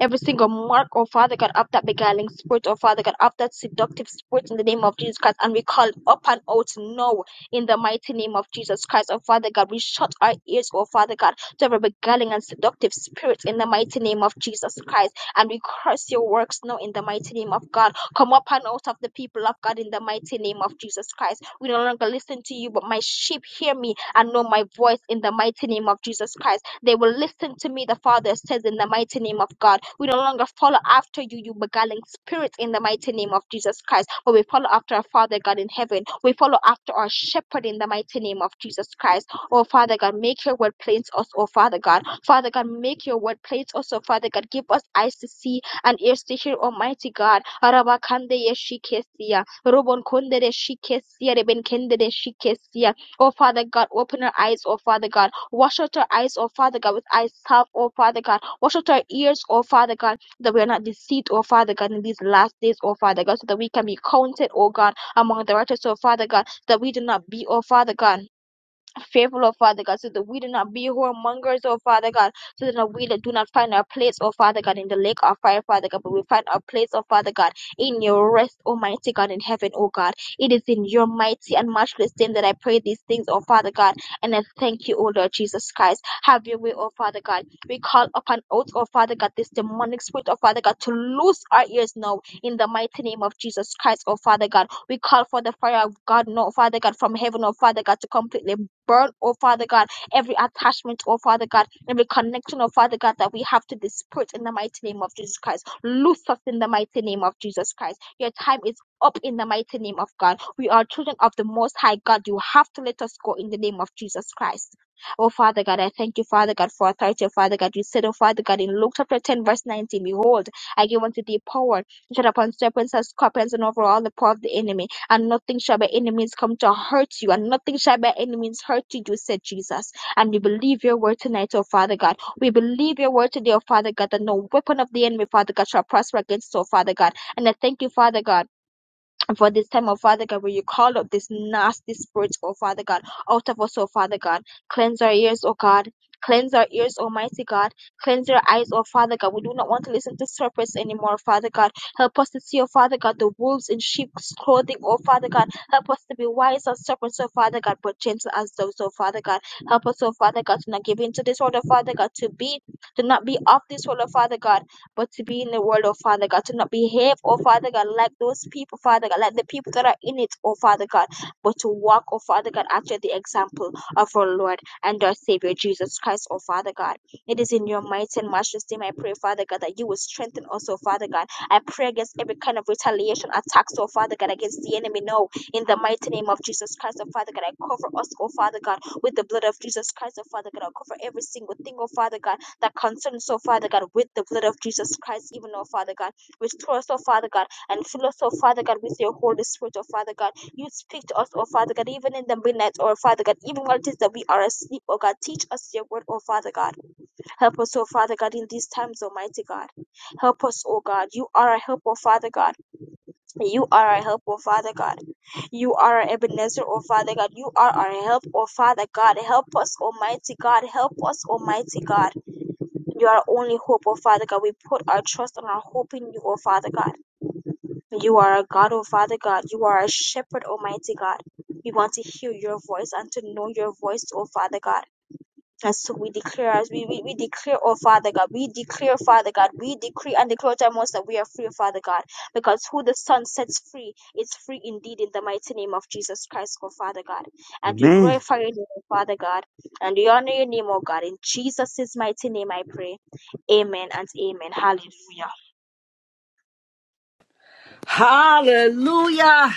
S6: every single mark, oh Father God, of that beguiling spirit, oh Father God, of that seductive spirit in the name of Jesus Christ. And we call it up and out now in the mighty name of Jesus Christ, oh Father God. We shut our ears, oh Father God, to every beguiling and seductive spirit in the mighty name of Jesus Christ. And we curse your works now in the mighty name of God. Come up and out of the people of God in the mighty name of Jesus Christ. We no longer listen to you, but my sheep hear me and know my voice in the mighty name of Jesus Christ. They will listen to me, the Father says, in the mighty name of God. We no longer follow after you, you beguiling spirits, in the mighty name of Jesus Christ. But we follow after our Father God in heaven. We follow after our shepherd in the mighty name of Jesus Christ. Oh, Father God, make your word plain to us, oh, Father God. Father God, make your word plain to us, oh, Father God. Give us eyes to see and ears to hear, Almighty God. Arabakande yeshikesia, robonkonde deshikesia, rebenkende deshikesia. Oh, Father God, open our eyes, oh, Father God. Wash out our eyes, O Father God, with eyes salve, O Father God. Wash out our ears, O Father God, that we are not deceived, O Father God, in these last days, O Father God, so that we can be counted, O God, among the righteous, O Father God, that we do not be, O Father God fearful, oh Father God, so that we do not be whoremongers, oh Father God, so that no, we do not find our place, oh Father God, in the lake of fire, Father God, but we find our place, oh Father God, in your rest, Almighty God, in heaven, oh God. It is in your mighty and matchless name that I pray these things, oh Father God, and I thank you, oh Lord Jesus Christ. Have your way, oh Father God. We call upon oath, oh Father God, this demonic spirit, oh Father God, to loose our ears now in the mighty name of Jesus Christ, oh Father God. We call for the fire of God, no Father God, from heaven, oh Father God, to completely burn, oh Father God, every attachment, oh Father God, every connection, oh Father God, that we have to this spirit in the mighty name of Jesus Christ. Loose us in the mighty name of Jesus Christ. Your time is up in the mighty name of God. We are children of the Most High God. You have to let us go in the name of Jesus Christ. Oh, Father God, I thank you, Father God, for authority. Father God, you said, oh, Father God, in Luke chapter 10, verse 19, Behold, I give unto thee power tread upon serpents and scorpions and over all the power of the enemy, and nothing shall by any means come to hurt you, and nothing shall by any means hurt you, said Jesus. And we believe your word tonight, oh Father God. We believe your word today, oh Father God, that no weapon of the enemy, Father God, shall prosper against, us, oh Father God. And I thank you, Father God. And for this time, oh Father God, where you called up this nasty spirit, oh Father God, out of us, oh Father God. Cleanse our ears, oh God. Cleanse our ears, Almighty God. Cleanse our eyes, oh Father God. We do not want to listen to serpents anymore, Father God. Help us to see, oh Father God, the wolves in sheep's clothing, oh Father God. Help us to be wise as serpents, oh Father God, but gentle as doves, oh Father God. Help us, oh Father God, to not give in to this world, oh Father God, to be, to not be of this world, oh Father God but to be in the world, oh Father God, to not behave, oh Father God, like those people, Father God, like the people that are in it, oh Father God, but to walk, oh Father God, after the example of our Lord and our Savior Jesus Christ, oh Father God. It is in your mighty and matchless name I pray, Father God, that you will strengthen us, oh Father God. I pray against every kind of retaliation attacks, oh Father God, against the enemy. No, in the mighty name of Jesus Christ, oh Father God, I cover us, oh Father God, with the blood of Jesus Christ, oh Father God. I cover every single thing, oh Father God that concerns, oh Father God, with the blood of Jesus Christ, even, oh Father God. Restore us, oh Father God, and fill us, oh Father God, with your Holy Spirit, oh Father God. You speak to us, oh Father God, even in the midnight, oh Father God, even while it is that we are asleep, oh God. Teach us your word, oh Father God. Help us, oh Father God, in these times, Almighty God. Help us, oh God. You are our help, oh Father God. You are our help, oh Father God. You are our Ebenezer, O Father God. You are our help, O Father God. Help us, Almighty God. Help us, Almighty God. You are only hope, O Father God. We put our trust and our hope in you, O Father God. You are a God, O Father God. You are a shepherd, Almighty God. We want to hear your voice and to know your voice, O Father God. And so we declare, as we, we, we declare, oh Father God, we declare, Father God, we decree and declare to our most that we are free, Father God, because who the Son sets free is free indeed in the mighty name of Jesus Christ, oh Father God. And we
S5: Amen.
S6: glorify your name, oh Father God, and we honor your name, oh God. In Jesus' mighty name I pray. Amen and amen. Hallelujah.
S1: Hallelujah.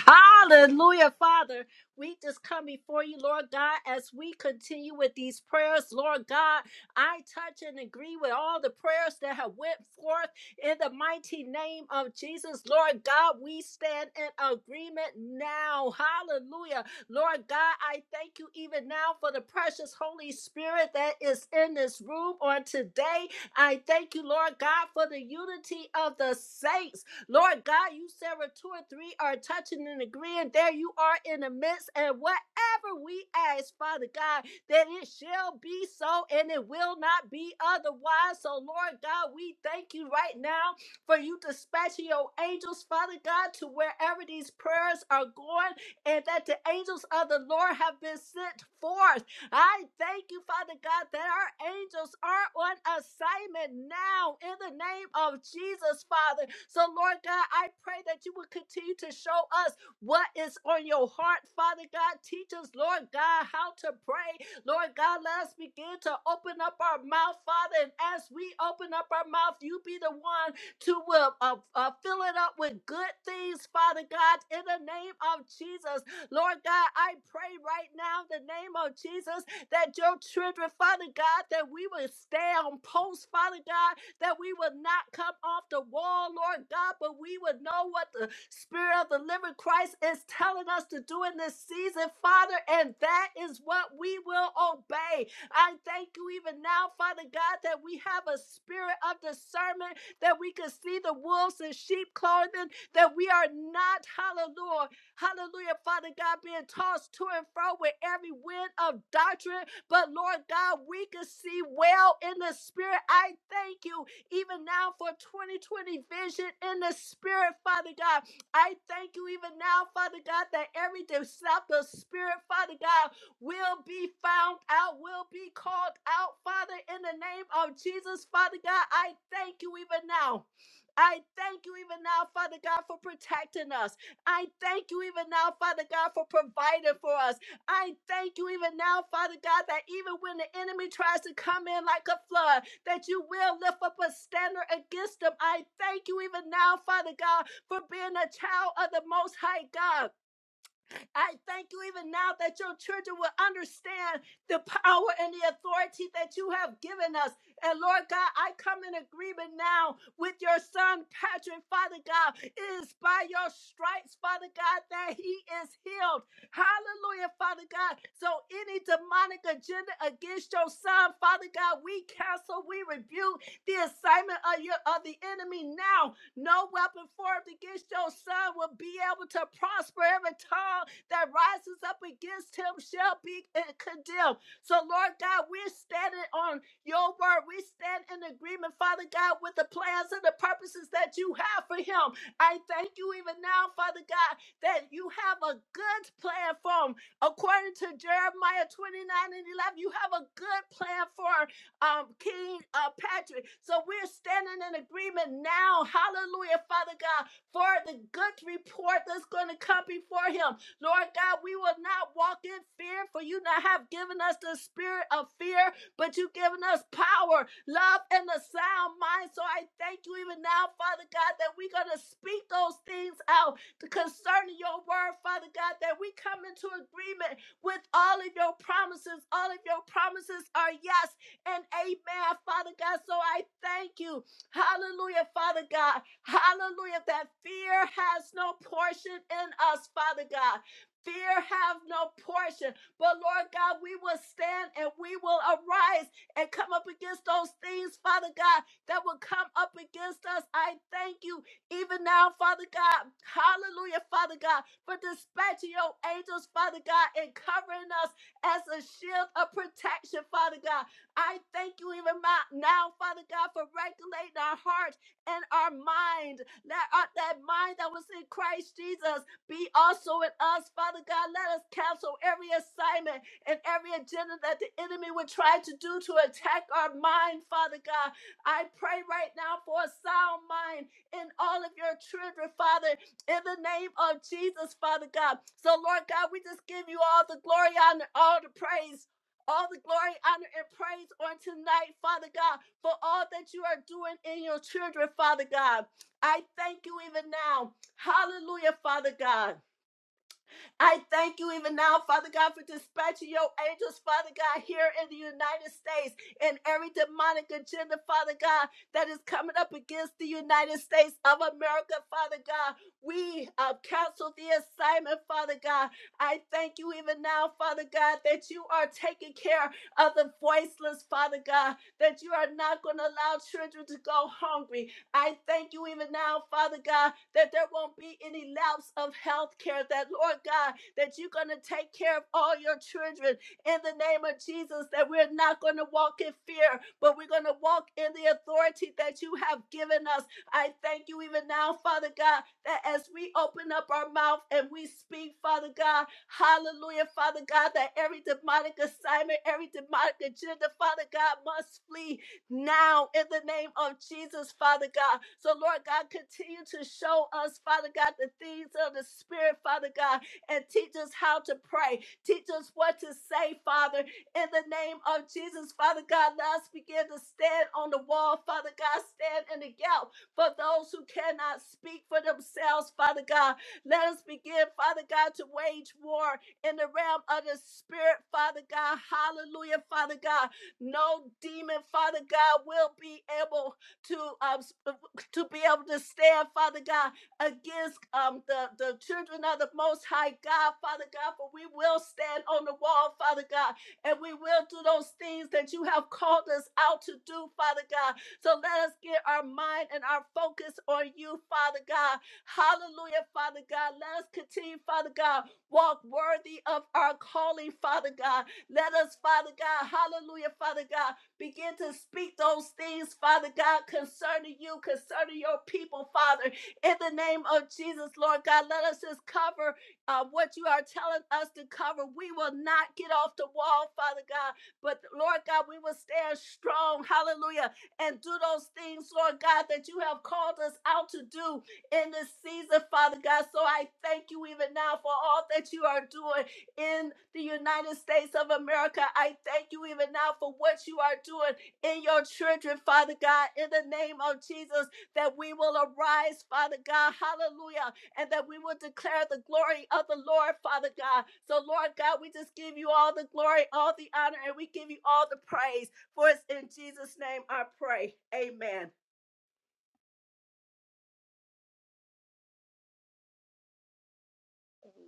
S1: Hallelujah, Father. We just come before you, Lord God, as we continue with these prayers, Lord God. I touch and agree with all the prayers that have went forth in the mighty name of Jesus, Lord God. We stand in agreement now. Hallelujah. Lord God, I thank you even now for the precious Holy Spirit that is in this room on today. I thank you, Lord God, for the unity of the saints. Lord God, you said where two or three are touching and agreeing, there you are in the midst. And whatever we ask, Father God, that it shall be so and it will not be otherwise. So, Lord God, we thank you right now for you dispatching your angels, Father God, to wherever these prayers are going, and that the angels of the Lord have been sent forth. I thank you, Father God, that our angels are on assignment now in the name of Jesus, Father. So, Lord God, I pray that you will continue to show us what is on your heart, Father God. Teach us, Lord God, how to pray. Lord God, let us begin to open up our mouth, Father. And as we open up our mouth, you be the one to uh, uh, uh, fill it up with good things, Father God, in the name of Jesus. Lord God, I pray right now in the name of Jesus that your children, Father God, that we will stay on post, Father God, that we will not come off the wall, Lord God, but we would know what the Spirit of the living Christ is telling us to do in this season, Father, and that is what we will obey. I thank you even now, Father God, that we have a spirit of discernment, that we can see the wolves and sheep clothing, that we are not, hallelujah. Hallelujah, Father God, being tossed to and fro with every wind of doctrine. But Lord God, we can see well in the spirit. I thank you even now for 2020 vision in the spirit, Father God. I thank you even now, Father God, that every deceptive spirit, Father God, will be found out, will be called out, Father, in the name of Jesus, Father God. I thank you even now. I thank you even now, Father God, for protecting us. I thank you even now, Father God, for providing for us. I thank you even now, Father God, that even when the enemy tries to come in like a flood, that you will lift up a standard against them. I thank you even now, Father God, for being a child of the Most High God I thank you even now that your children will understand the power and the authority that you have given us. And Lord God, I come in agreement now with your son, Patrick, Father God. It is by your stripes, Father God, that he is healed. Hallelujah, Father God. So any demonic agenda against your son, Father God, we cancel, we rebuke the assignment of your of the enemy now. No weapon formed against your son will be able to prosper every tongue that rises up against him shall be uh, condemned. So, Lord God, we're standing on your word. We stand in agreement, Father God, with the plans and the purposes that you have for him. I thank you even now, Father God, that you have a good plan for him. According to Jeremiah 29 and 11, you have a good plan for um, King uh, Patrick. So we're standing in agreement now, hallelujah, Father God, for the good report that's going to come before him. Lord God, we will not walk in fear, for you not have given us the spirit of fear, but you've given us power, love, and a sound mind. So I thank you even now, Father God, that we're going to speak those things out concerning your word, Father God, that we come into agreement with all of your promises. All of your promises are yes and amen, Father God. So I thank you. Hallelujah, Father God. Hallelujah, that fear has no portion in us, Father God. Fear have no portion. But Lord God, we will stand and we will arise and come up against those things, Father God, that will come up against us. I thank you even now, Father God. Hallelujah, Father God, for dispatching your angels, Father God, and covering us as a shield of protection, Father God. I thank you even my- now, Father God, for regulating our heart and our mind. That, uh, that mind that was in Christ Jesus. Be also in us, Father God. Let us cancel every assignment and every agenda that the enemy would try to do to attack our mind, Father God. I pray right now for a sound mind in all of your children, Father, in the name of Jesus, Father God. So, Lord God, we just give you all the glory, honor, all the praise. All the glory, honor, and praise on tonight, Father God, for all that you are doing in your children, Father God. I thank you even now Hallelujah, Father God. I thank you even now, Father God, for dispatching your angels, Father God, here in the United States and every demonic agenda, Father God, that is coming up against the United States of America, Father God. We uh, cancel the assignment, Father God. I thank you even now, Father God, that you are taking care of the voiceless, Father God, that you are not going to allow children to go hungry, I thank you even now, Father God, that there won't be any lapse of health care, that Lord God, that you're going to take care of all your children in the name of Jesus, that we're not going to walk in fear, but we're going to walk in the authority that you have given us. I thank you even now, Father God, that as we open up our mouth and we speak, Father God, hallelujah, Father God, that every demonic assignment, every demonic agenda, Father God, must flee now in the name of Jesus, Father God. So, Lord God, continue to show us, Father God, the things of the Spirit, Father God, and teach us how to pray. Teach us what to say, Father, in the name of Jesus, Father God. Let us begin to stand on the wall, Father God, stand in the gap for those who cannot speak for themselves, Father God. Let us begin, Father God, to wage war in the realm of the Spirit, Father God. Hallelujah, Father God no demon, Father God, will be able to um, to be able to stand, Father God, against um the, the children of the most high God, Father God, for we will stand on the wall, Father God, and we will do those things that you have called us out to do, Father God. So let us get our mind and our focus on you, Father God. Hallelujah, Father God. Let us continue, Father God, walk worthy of our calling, Father God. Let us, Father God, hallelujah, Father God, begin to speak those things, Father God, concerning you, concerning your people, Father. In the name of Jesus, Lord God, let us just cover uh, what you are telling us to cover. We will not get off the wall, Father God, but Lord God, we will stand strong, hallelujah, and do those things, Lord God, that you have called us out to do in this season, Father God. So I thank you even now for all that you are doing in the United States of America. I thank you even now for what you are doing in your children, Father God, in the name of Jesus, that we will arise, Father God, hallelujah, and that we will declare the glory of the Lord, Father God. So, Lord God, we just give you all the glory, all the honor, and we give you all the praise. For it's in Jesus' name I pray. Amen.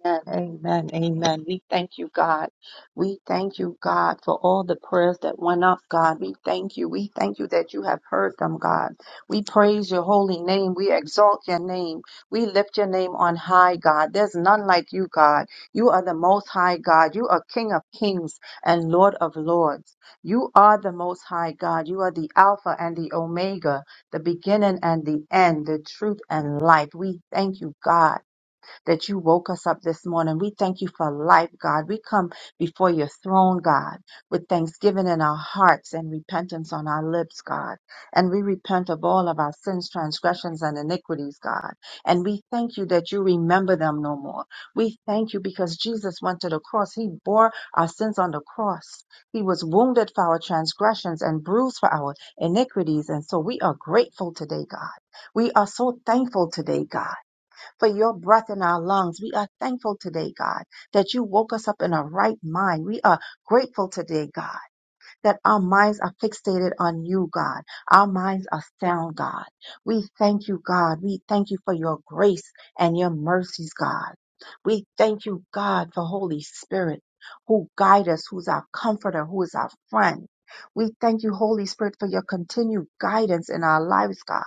S7: Amen. Amen. Amen. We thank you, God. We thank you, God, for all the prayers that went up, God. We thank you. We thank you that you have heard them, God. We praise your holy name. We exalt your name. We lift your name on high, God. There's none like you, God. You are the most high, God. You are King of kings and Lord of lords. You are the most high, God. You are the Alpha and the Omega, the beginning and the end, the truth and life. We thank you, God that you woke us up this morning. We thank you for life, God. We come before your throne, God, with thanksgiving in our hearts and repentance on our lips, God. And we repent of all of our sins, transgressions, and iniquities, God. And we thank you that you remember them no more. We thank you because Jesus went to the cross. He bore our sins on the cross. He was wounded for our transgressions and bruised for our iniquities. And so we are grateful today, God. We are so thankful today, God for your breath in our lungs. We are thankful today, God, that you woke us up in a right mind. We are grateful today, God, that our minds are fixated on you, God. Our minds are sound, God. We thank you, God. We thank you for your grace and your mercies, God. We thank you, God, for Holy Spirit who guide us, who's our comforter, who is our friend. We thank you, Holy Spirit, for your continued guidance in our lives, God.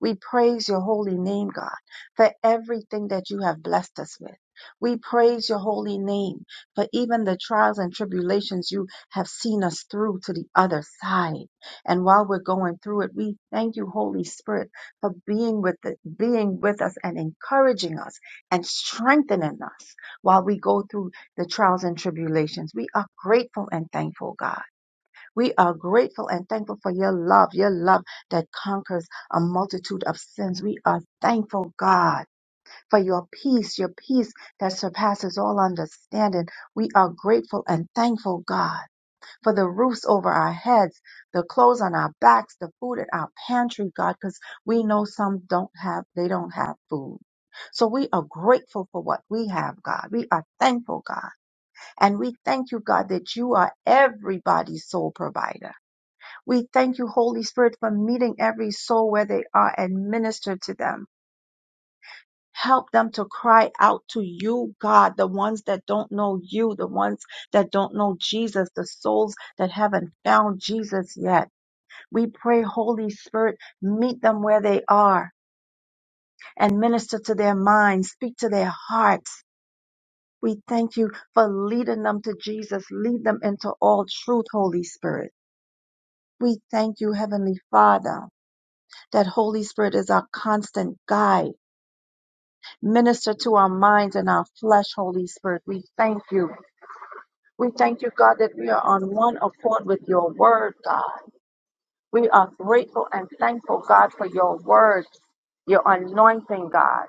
S7: We praise your holy name, God, for everything that you have blessed us with. We praise your holy name for even the trials and tribulations you have seen us through to the other side. And while we're going through it, we thank you, Holy Spirit, for being with the, being with us and encouraging us and strengthening us while we go through the trials and tribulations. We are grateful and thankful, God. We are grateful and thankful for your love, your love that conquers a multitude of sins. We are thankful, God, for your peace, your peace that surpasses all understanding. We are grateful and thankful, God, for the roofs over our heads, the clothes on our backs, the food in our pantry, God, because we know some don't have, they don't have food. So we are grateful for what we have, God. We are thankful, God. And we thank you, God, that you are everybody's sole provider. We thank you, Holy Spirit, for meeting every soul where they are and minister to them. Help them to cry out to you, God, the ones that don't know you, the ones that don't know Jesus, the souls that haven't found Jesus yet. We pray, Holy Spirit, meet them where they are and minister to their minds, speak to their hearts. We thank you for leading them to Jesus. Lead them into all truth, Holy Spirit. We thank you, Heavenly Father. That Holy Spirit is our constant guide. Minister to our minds and our flesh, Holy Spirit. We thank you. We thank you, God, that we are on one accord with your word, God. We are grateful and thankful, God, for your word, your anointing, God.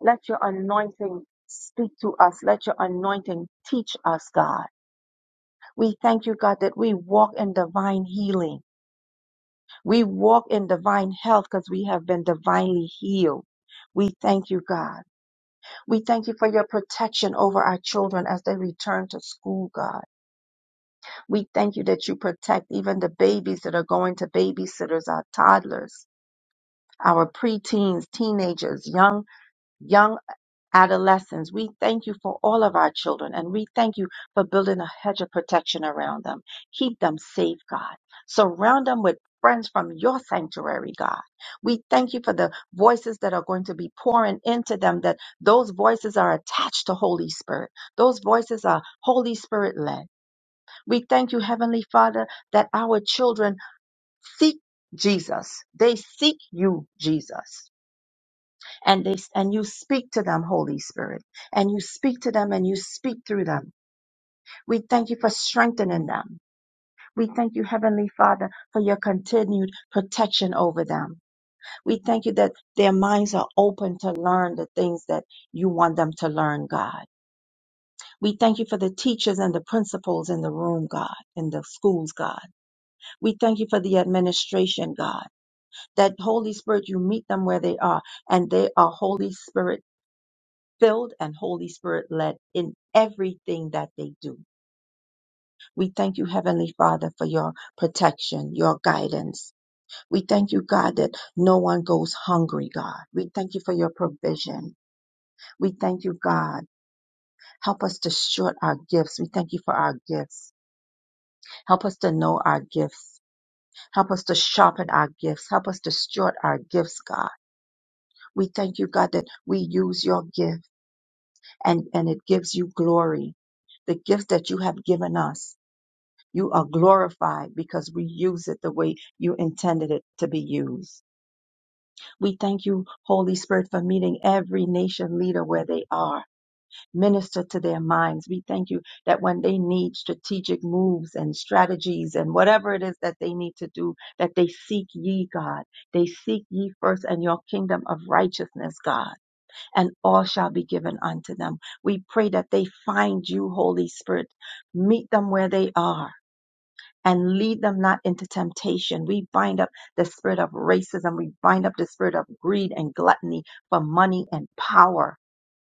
S7: Let your anointing speak to us. Let your anointing teach us, God. We thank you, God, that we walk in divine healing. We walk in divine health because we have been divinely healed. We thank you, God. We thank you for your protection over our children as they return to school, God. We thank you that you protect even the babies that are going to babysitters, our toddlers, our preteens, teenagers, young, young adolescents. We thank you for all of our children and we thank you for building a hedge of protection around them. Keep them safe, God. Surround them with friends from your sanctuary, God. We thank you for the voices that are going to be pouring into them, that those voices are attached to Holy Spirit. Those voices are Holy Spirit led. We thank you, Heavenly Father, that our children seek Jesus. They seek you, Jesus and they and you speak to them holy spirit and you speak to them and you speak through them we thank you for strengthening them we thank you heavenly father for your continued protection over them we thank you that their minds are open to learn the things that you want them to learn god we thank you for the teachers and the principals in the room god in the schools god we thank you for the administration god that holy spirit you meet them where they are and they are holy spirit filled and Holy Spirit led in everything that they do. We thank you, Heavenly Father, for your protection, your guidance. We thank you, God, that no one goes hungry, God. We thank you for your provision. We thank you, God. Help us to short our gifts. We thank you for our gifts. Help us to know our gifts. Help us to sharpen our gifts. Help us to steward our gifts, God. We thank you, God, that we use your gift and, and it gives you glory the gift that you have given us. You are glorified because we use it the way you intended it to be used. We thank you, Holy Spirit, for meeting every nation leader where they are. Minister to their minds. We thank you that when they need strategic moves and strategies and whatever it is that they need to do, that they seek ye, God. They seek ye first and your kingdom of righteousness, God, and all shall be given unto them. We pray that they find you, Holy Spirit. Meet them where they are and lead them not into temptation. We bind up the spirit of racism. We bind up the spirit of greed and gluttony for money and power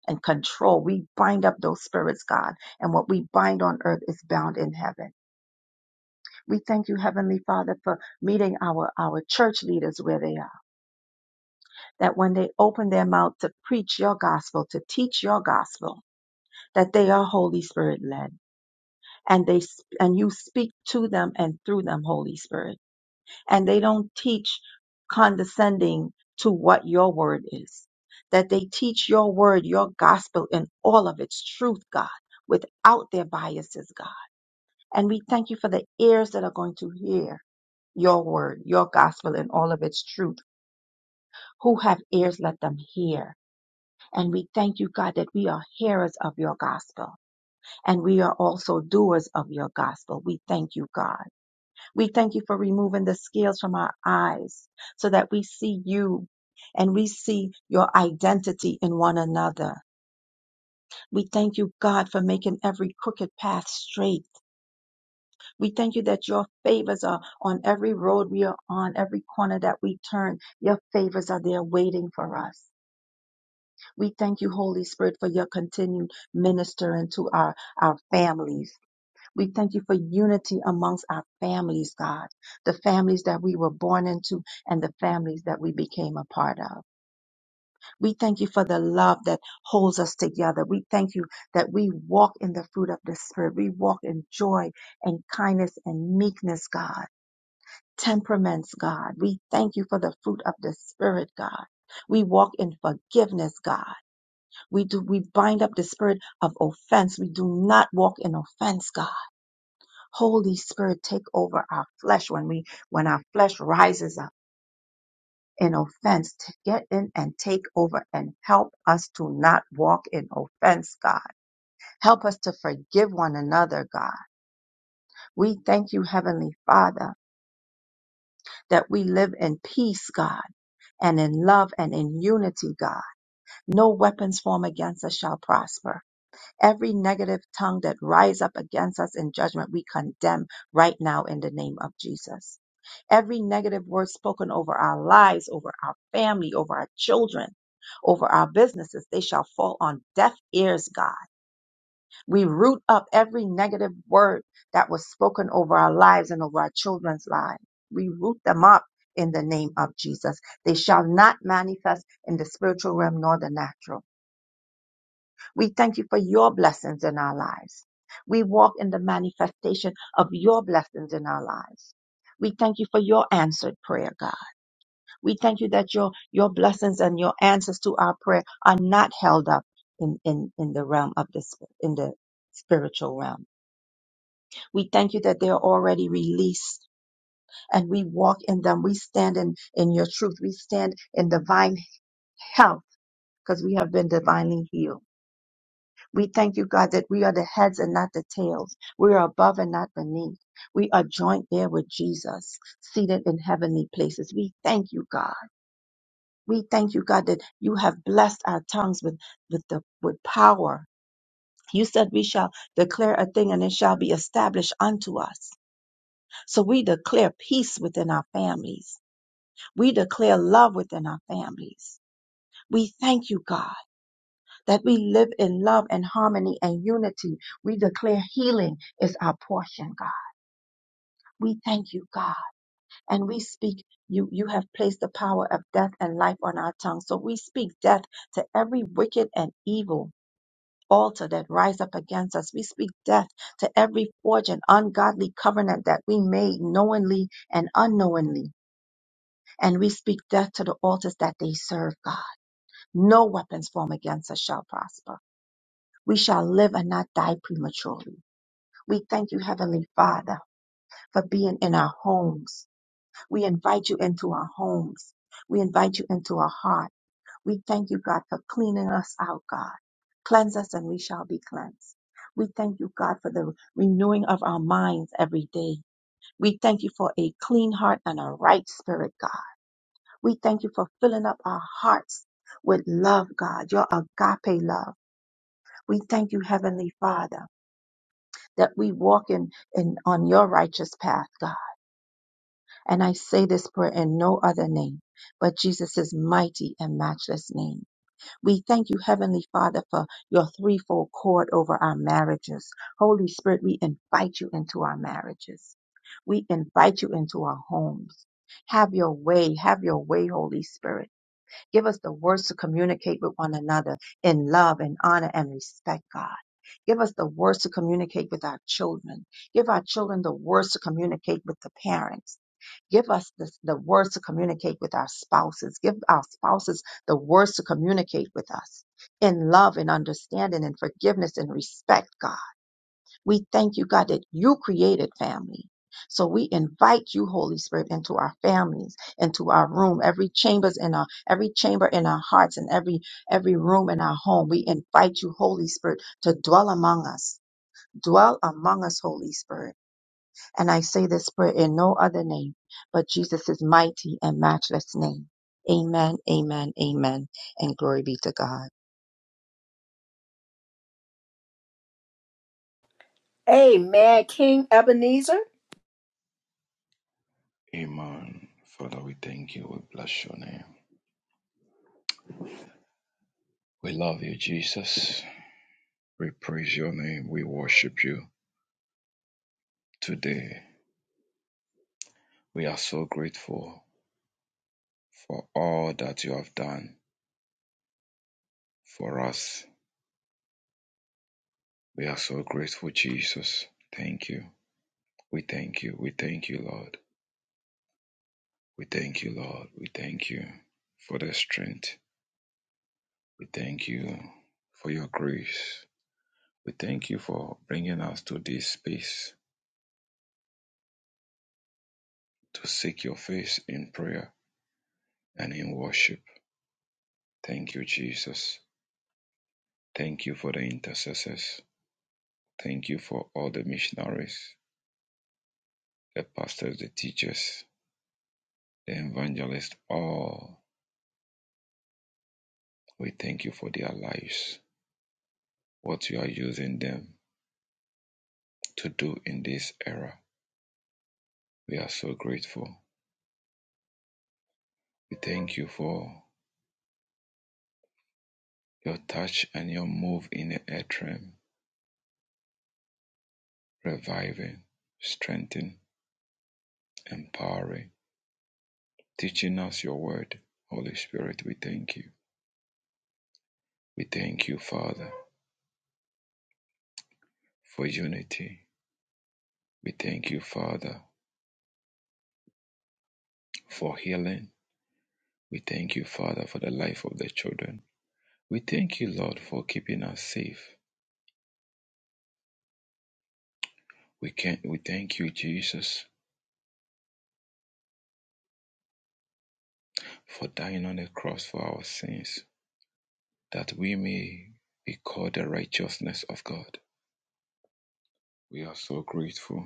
S7: and control. We bind up those spirits, God. And what we bind on earth is bound in heaven. We thank you, Heavenly Father, for meeting our, our church leaders where they are. That when they open their mouth to preach your gospel, to teach your gospel, that they are Holy Spirit led. And they, and you speak to them and through them, Holy Spirit. and they don't teach condescending to what your word is. That they teach your word, your gospel in all of its truth, God, without their biases, God. And we thank you for the ears that are going to hear your word, your gospel in all of its truth. Who have ears, let them hear. And we thank you, God, that we are hearers of your gospel and we are also doers of your gospel. We thank you, God. We thank you for removing the scales from our eyes so that we see you and we see your identity in one another. We thank you, God, for making every crooked path straight. We thank you that your favors are on every road we are on, every corner that we turn. Your favors are there waiting for us. We thank you, Holy Spirit, for your continued ministering to our, our families We thank you for unity amongst our families, God, the families that we were born into and the families that we became a part of. We thank you for the love that holds us together. We thank you that we walk in the fruit of the Spirit. We walk in joy and kindness and meekness, God, temperaments, God. We thank you for the fruit of the Spirit, God. We walk in forgiveness, God. We do, we bind up the spirit of offense. We do not walk in offense, God. Holy Spirit, take over our flesh when we, when our flesh rises up in offense to get in and take over and help us to not walk in offense, God. Help us to forgive one another, God. We thank you, Heavenly Father, that we live in peace, God, and in love and in unity, God. No weapons formed against us shall prosper Every negative tongue that rise up against us in judgment, we condemn right now in the name of Jesus. Every negative word spoken over our lives, over our family, over our children, over our businesses, they shall fall on deaf ears, God. We root up every negative word that was spoken over our lives and over our children's lives. We root them up in the name of Jesus. They shall not manifest in the spiritual realm nor the natural. We thank you for your blessings in our lives. We walk in the manifestation of your blessings in our lives. We thank you for your answered prayer, God. We thank you that your, your blessings and your answers to our prayer are not held up in, in, in the realm of the, sp- in the spiritual realm. We thank you that they are already released and we walk in them. We stand in, in your truth. We stand in divine health because we have been divinely healed. We thank you, God, that we are the heads and not the tails. We are above and not beneath. We are joint there with Jesus, seated in heavenly places. We thank you, God. We thank you, God, that you have blessed our tongues with, with the with power. You said we shall declare a thing and it shall be established unto us. So we declare peace within our families. We declare love within our families. We thank you, God. that we live in love and harmony and unity. We declare healing is our portion, God. We thank you, God. And we speak, you, you have placed the power of death and life on our tongue. So we speak death to every wicked and evil altar that rise up against us. We speak death to every forged and ungodly covenant that we made knowingly and unknowingly. And we speak death to the altars that they serve, God. No weapons formed against us shall prosper. We shall live and not die prematurely. We thank you, Heavenly Father, for being in our homes. We invite you into our homes. We invite you into our heart. We thank you, God, for cleaning us out, God. Cleanse us and we shall be cleansed. We thank you, God, for the renewing of our minds every day. We thank you for a clean heart and a right spirit, God. We thank you for filling up our hearts with love, God, your agape love. We thank you, Heavenly Father, that we walk in, in on your righteous path, God And I say this prayer in no other name but Jesus' mighty and matchless name. We thank you, Heavenly Father, for your threefold cord over our marriages. Holy Spirit, we invite you into our marriages. We invite you into our homes. Have your way. Have your way, Holy Spirit. Give us the words to communicate with one another in love and honor and respect, God. Give us the words to communicate with our children. Give our children the words to communicate with the parents Give us the, the words to communicate with our spouses. Give our spouses the words to communicate with us in love and understanding and forgiveness and respect, God. We thank you, God, that you created family. So we invite you, Holy Spirit, into our families, into our room, every chambers in our every chamber in our hearts and every every room in our home. We invite you, Holy Spirit, to dwell among us. Dwell among us, Holy Spirit and I say this prayer in no other name but Jesus' mighty and matchless name. Amen, amen, amen, and glory be to God.
S1: Amen. King Ebenezer.
S8: Amen. Father, we thank you. We bless your name. We love you, Jesus. We praise your name. We worship you today. We are so grateful for all that you have done for us. We are so grateful, Jesus. Thank you. We thank you. We thank you, Lord. We thank you, Lord. We thank you for the strength. We thank you for your grace. We thank you for bringing us to this space to seek your face in prayer. and in worship. Thank you, Jesus. Thank you for the intercessors. Thank you for all the missionaries, the pastors, the teachers, the evangelists, all. We thank you for their lives, what you are using them to do in this era. We are so grateful. We thank you for your touch and your move in the earth realm, reviving, strengthening, empowering, teaching us your word. Holy Spirit, we thank you. We thank you, Father. for unity. We thank you, Father, for healing. We thank you, Father, for the life of the children. We thank you, Lord, for keeping us safe. We can we thank you, Jesus, for dying on the cross for our sins, that we may be called the righteousness of God. We are so grateful.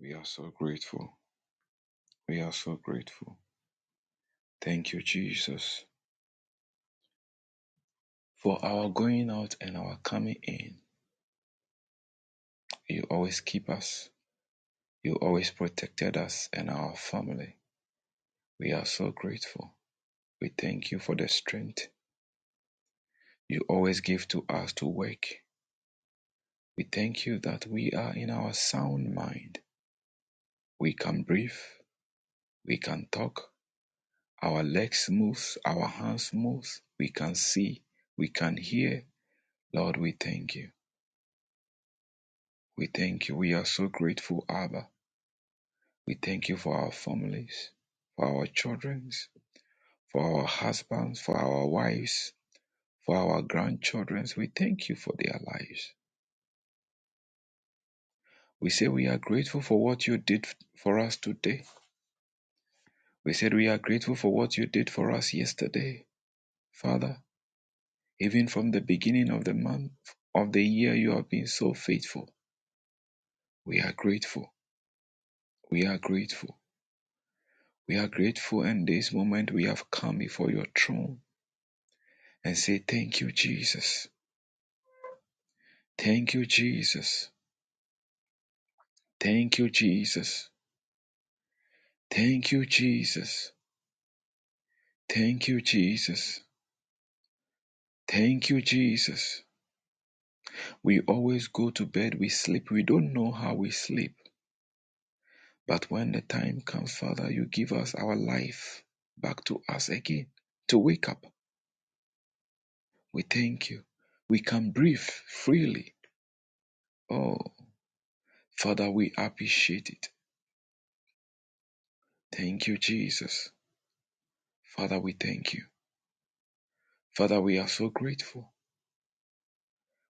S8: We are so grateful. We are so grateful. Thank you, Jesus, for our going out and our coming in. You always keep us. You always protected us and our family. We are so grateful. We thank you for the strength you always give to us to work. We thank you that we are in our sound mind. We can breathe. We can talk. Our legs move. Our hands move. We can see. We can hear. Lord, we thank you. We thank you. We are so grateful, Abba. We thank you for our families, for our children, for our husbands, for our wives, for our grandchildren. We thank you for their lives. We say we are grateful for what you did for us today. We said we are grateful for what you did for us yesterday. Father, even from the beginning of the month of the year, you have been so faithful. We are grateful. We are grateful. We are grateful. and this moment, we have come before your throne and say, Thank you, Jesus. Thank you, Jesus. Thank you, Jesus. Thank you, Jesus. Thank you, Jesus. Thank you, Jesus. We always go to bed, we sleep. We don't know how we sleep. But when the time comes, Father, you give us our life back to us again to wake up. We thank you. We can breathe freely. Oh, Father, we appreciate it. Thank you, Jesus. Father, we thank you. Father, we are so grateful.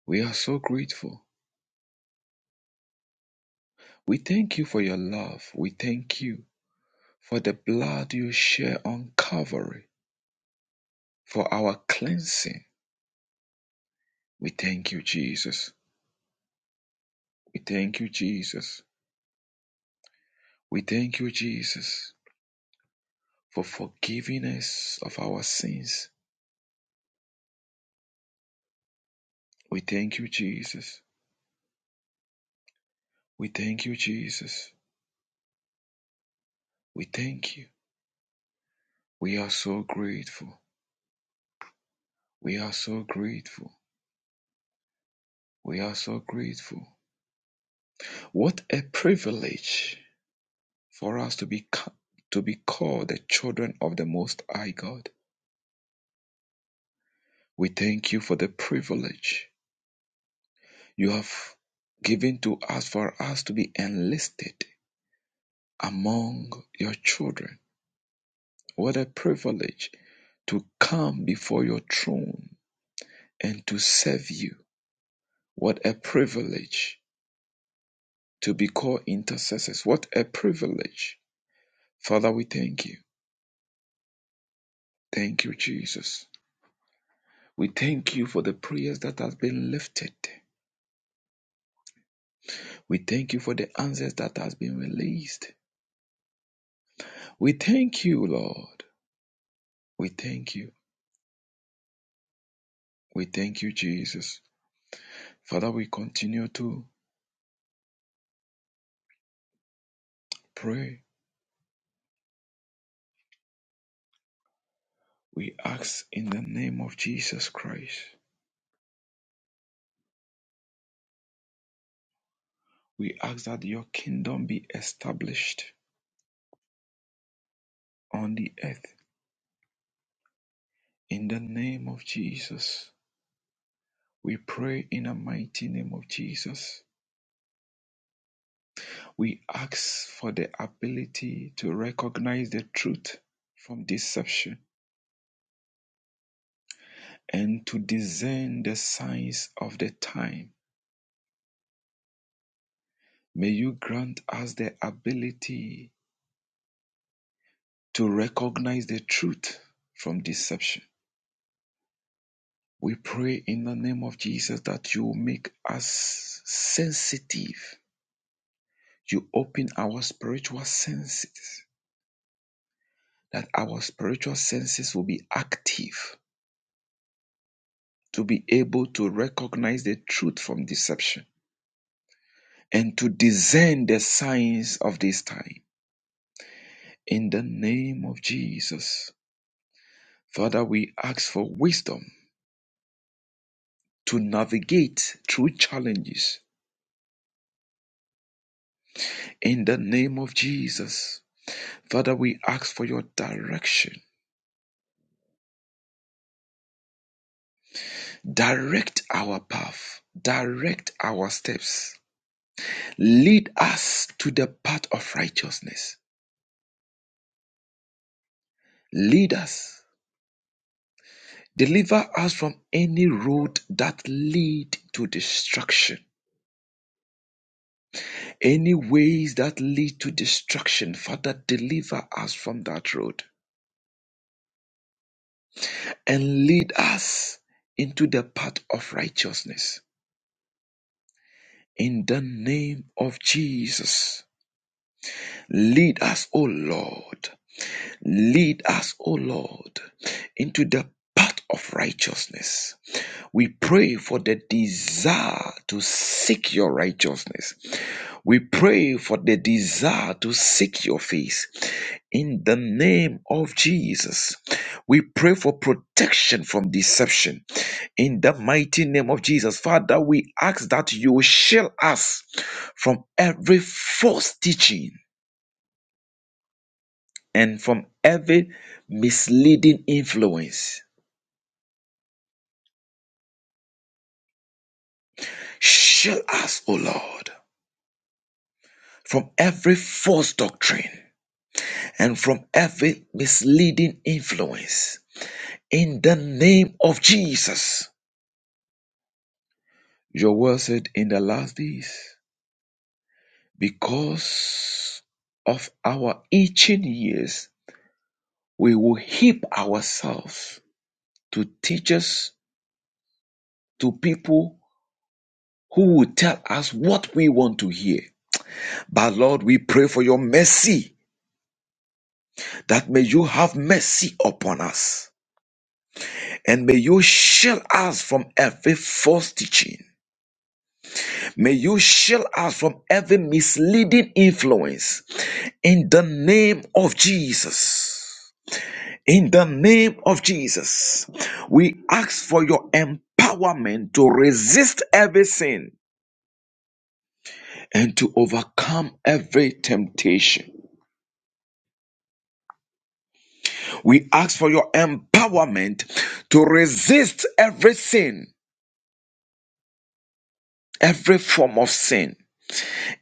S8: We are so grateful. We thank you for your love. We thank you for the blood you shed on Calvary for our cleansing We thank you, Jesus. We thank you, Jesus. We thank you, Jesus, for forgiving us of our sins. We thank you, Jesus. We thank you, Jesus. We thank you. We are so grateful. We are so grateful. We are so grateful. What a privilege for us to be to be called the children of the Most High God. We thank you for the privilege you have given to us for us to be enlisted among your children. What a privilege to come before your throne and to serve you. What a privilege to be called intercessors. What a privilege. Father, we thank you. Thank you, Jesus. We thank you for the prayers that has been lifted. We thank you for the answers that has been released. We thank you, Lord. We thank you. We thank you, Jesus. Father, we continue to pray We ask in the name of Jesus Christ. We ask that your kingdom be established on the earth. In the name of Jesus, we pray in the mighty name of Jesus. We ask for the ability to recognize the truth from deception and to discern the signs of the time. May you grant us the ability to recognize the truth from deception We pray in the name of Jesus that you make us sensitive. You open our spiritual senses, that our spiritual senses will be active to be able to recognize the truth from deception and to discern the signs of this time. In the name of Jesus, Father, we ask for wisdom to navigate through challenges. In the name of Jesus, Father, we ask for your direction Direct our path, direct our steps. Lead us to the path of righteousness. Lead us. Deliver us from any road that lead to destruction. Any ways that lead to destruction, Father, deliver us from that road and lead us into the path of righteousness. In the name of Jesus, lead us, O Lord. Lead us, O Lord, into the path of righteousness. We pray for the desire to seek your righteousness. We pray for the desire to seek your face. In the name of Jesus, we pray for protection from deception. In the mighty name of Jesus, Father, we ask that you will shield us from every false teaching and from every misleading influence. Shield us, O Lord, from every false doctrine and from every misleading influence. In the name of Jesus. Your word said in the last days, because of our itching ears, we will heap ourselves to teachers, to people who will tell us what we want to hear. But Lord, we pray for your mercy that may you have mercy upon us and may you shield us from every false teaching. May you shield us from every misleading influence in the name of Jesus. In the name of Jesus, we ask for your empowerment to resist every sin and to overcome every temptation. We ask for your empowerment to resist every sin, every form of sin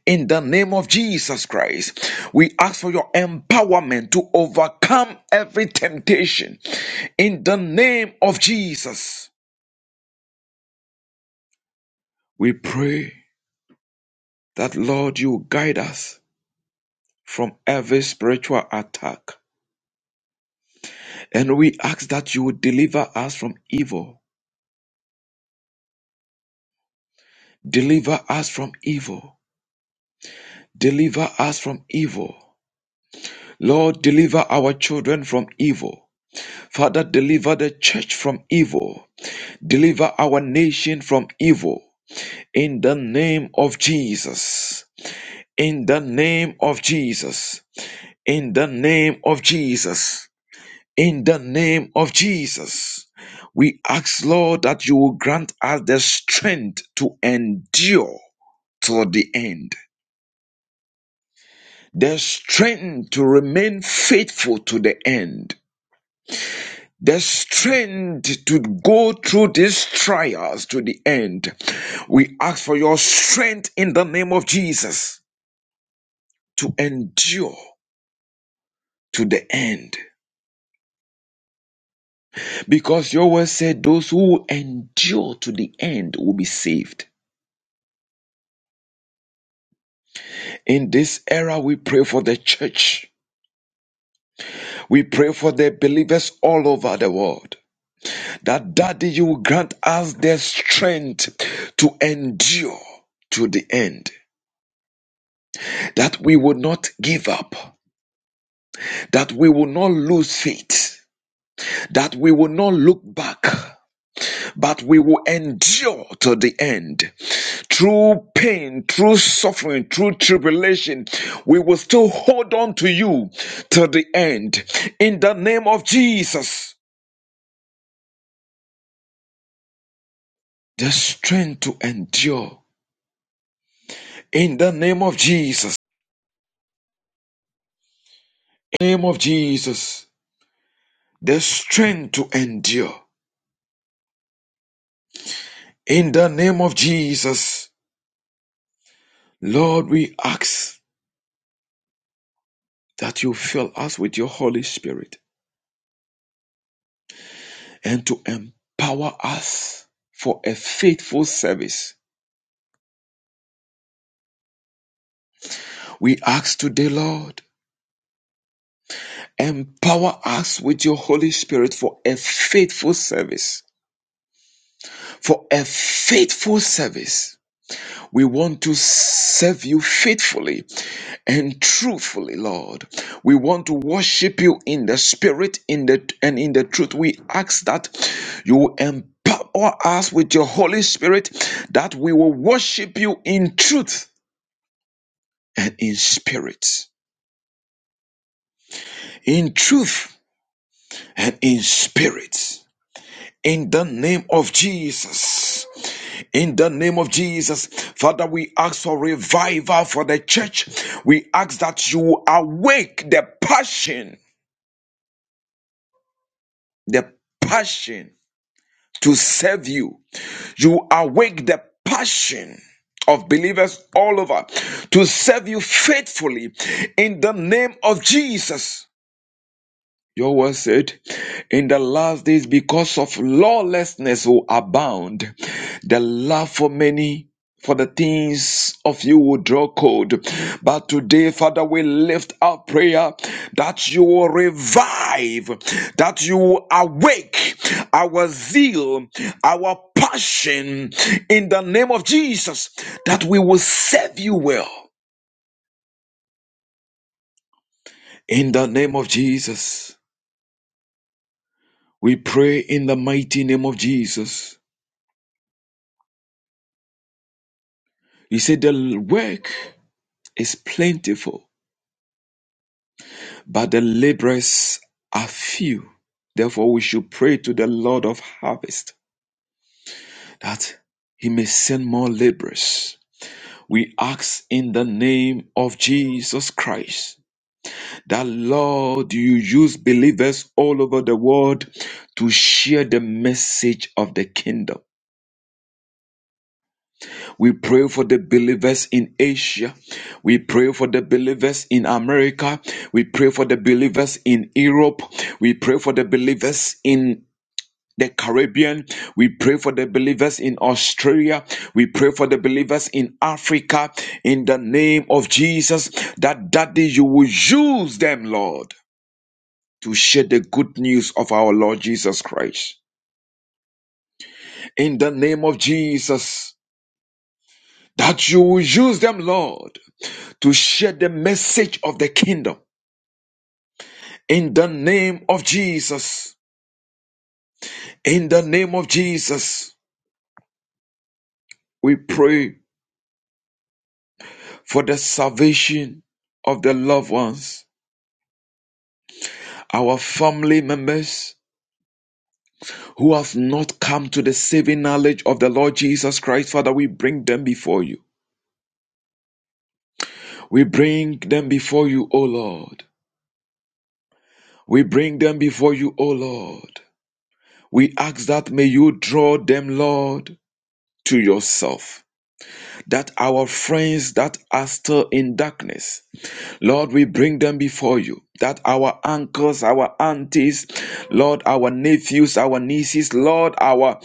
S8: In the name of Jesus Christ, we ask for your empowerment to overcome every temptation. In the name of Jesus, we pray that, Lord, you guide us from every spiritual attack. And we ask that you would deliver us from evil. Deliver us from evil. Deliver us from evil. Lord, deliver our children from evil. Father, deliver the church from evil. Deliver our nation from evil. in the name of Jesus. In the name of Jesus. In the name of Jesus. In the name of Jesus. We ask, Lord, that you will grant us the strength to endure to the end, the strength to remain faithful to the end, the strength to go through these trials to the end. We ask for your strength in the name of Jesus to endure to the end. Because your word said those who endure to the end will be saved. In this era, we pray for the church. We pray for the believers all over the world. That Daddy, you will grant us the strength to endure to the end. That we will not give up. That we will not lose faith. That we will not look back. but we will endure to the end. Through pain, through suffering, through tribulation, we will still hold on to you to the end. In the name of Jesus, the strength to endure. In the name of Jesus, in the name of Jesus, the strength to endure. In the name of Jesus, Lord, we ask that you fill us with your Holy Spirit and to empower us for a faithful service. We ask today, Lord, empower us with your Holy Spirit for a faithful service. For a faithful service. We want to serve you faithfully and truthfully, Lord. We want to worship you in the spirit in the and in the truth. We ask that you empower us with your Holy Spirit that we will worship you in truth and in spirit, in truth and in spirit. In the name of Jesus. In the name of Jesus. Father, we ask for revival for the church. We ask that you awake the passion, the passion to serve you. You awake the passion of believers all over to serve you faithfully in the name of Jesus. Your word said, in the last days, because of lawlessness will abound, the love for many, for the things of you will draw cold. But today, Father, we lift our prayer that you will revive, that you will awake our zeal, our passion in the name of Jesus, that we will serve you well. In the name of Jesus, we pray in the mighty name of Jesus. He said, The work is plentiful, but the laborers are few. Therefore, we should pray to the Lord of harvest that he may send more laborers. We ask in the name of Jesus Christ that, Lord, you use believers all over the world to share the message of the kingdom. We pray for the believers in Asia. We pray for the believers in America. We pray for the believers in Europe. We pray for the believers in the Caribbean. We pray for the believers in Australia. We pray for the believers in Africa. In the name of Jesus, that daddy, you will use them, Lord, to share the good news of our Lord Jesus Christ. In the name of Jesus, that you will use them, Lord to share the message of the kingdom. In the name of Jesus, in the name of Jesus, we pray for the salvation of the loved ones, our family members who have not come to the saving knowledge of the Lord Jesus Christ. Father, we bring them before you. We bring them before you, O Lord. We bring them before you, O Lord. We ask that may you draw them, Lord, to yourself. that our friends that are still in darkness, Lord, we bring them before you. That our uncles, our aunties, Lord, our nephews, our nieces, Lord, our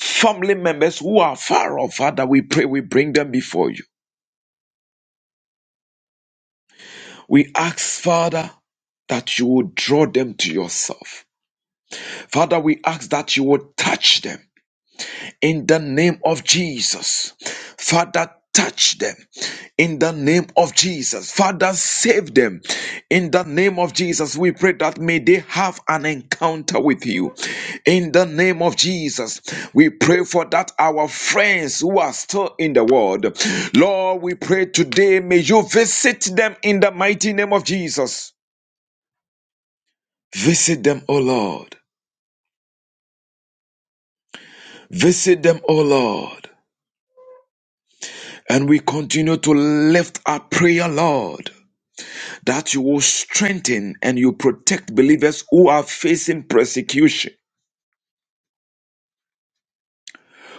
S8: family members who are far off, Father, we pray we bring them before you. We ask, Father, that you would draw them to yourself. Father, we ask that you would touch them. in the name of Jesus. Father, touch them in the name of Jesus. Father, save them in the name of Jesus. We pray that may they have an encounter with you in the name of Jesus. We pray for that our friends who are still in the world. Lord, we pray today may you visit them in the mighty name of Jesus. Visit them, O Lord. Visit them, O Lord. And we continue to lift our prayer, Lord, that you will strengthen and you protect believers who are facing persecution,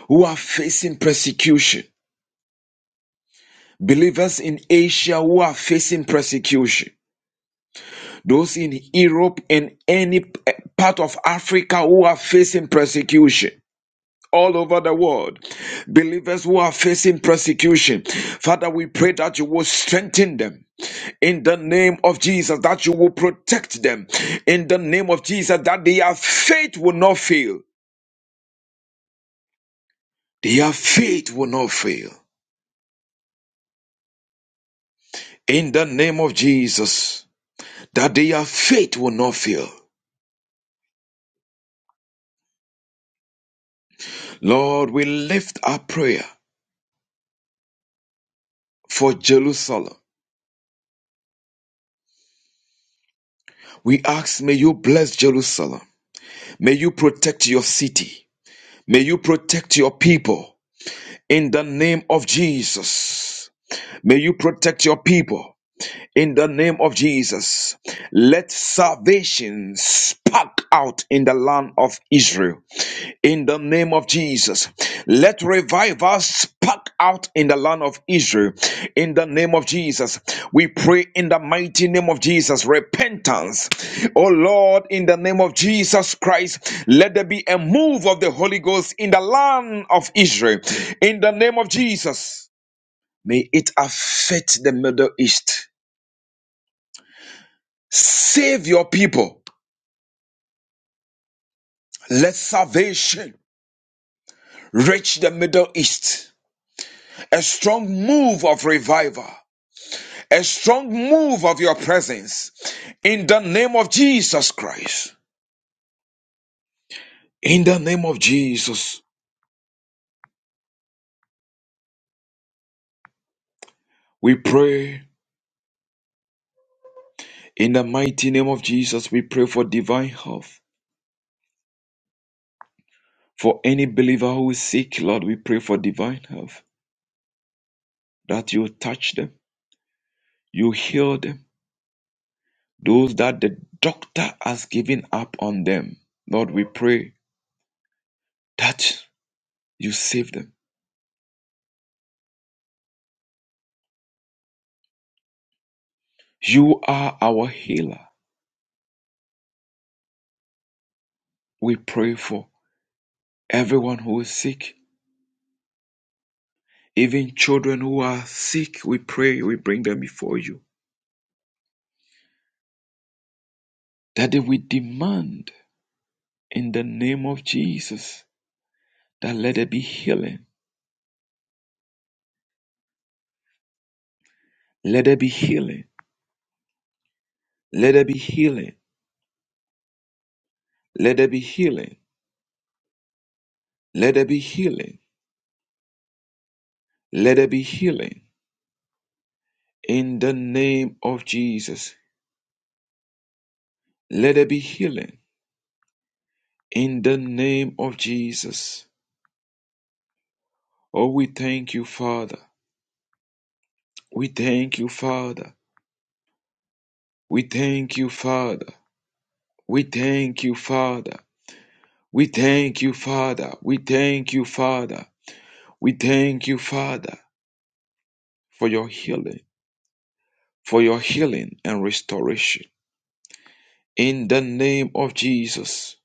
S8: who are facing persecution. Believers in Asia who are facing persecution, those in Europe and any p- part of Africa who are facing persecution, all over the world. Believers who are facing persecution, Father, we pray that you will strengthen them. In the name of Jesus, that you will protect them. In the name of Jesus, that their faith will not fail. Their faith will not fail. In the name of Jesus, that their faith will not fail. Lord, we lift our prayer for Jerusalem. We ask, may you bless Jerusalem. May you protect your city. May you protect your people. in the name of Jesus. May you protect your people in the name of Jesus. Let salvation spark out in the land of Israel. In the name of Jesus. Let revival spark out in the land of Israel. In the name of Jesus. We pray in the mighty name of Jesus. Repentance. Oh Lord, in the name of Jesus Christ, let there be a move of the Holy Ghost in the land of Israel. In the name of Jesus. May it affect the Middle East. Save your people. Let salvation reach the Middle East. A strong move of revival. A strong move of your presence. In the name of Jesus Christ. In the name of Jesus, we pray. In the mighty name of Jesus, we pray for divine health. For any believer who is sick, Lord, we pray for divine health. That you touch them, you heal them. Those that the doctor has given up on them. Lord, we pray that you save them. You are our healer. We pray for everyone who is sick, even children who are sick. We pray, we bring them before you. That we demand in the name of Jesus that let there be healing. Let there be healing. Let there be healing. Let there be healing. Let there be healing. Let there be healing. In the name of Jesus. Let there be healing. In the name of Jesus. Oh, we thank you, Father. We thank you, Father. We thank you, Father. We thank you, Father. We thank you, Father. We thank you, Father. We thank you, Father, for your healing, for your healing and restoration. In the name of Jesus,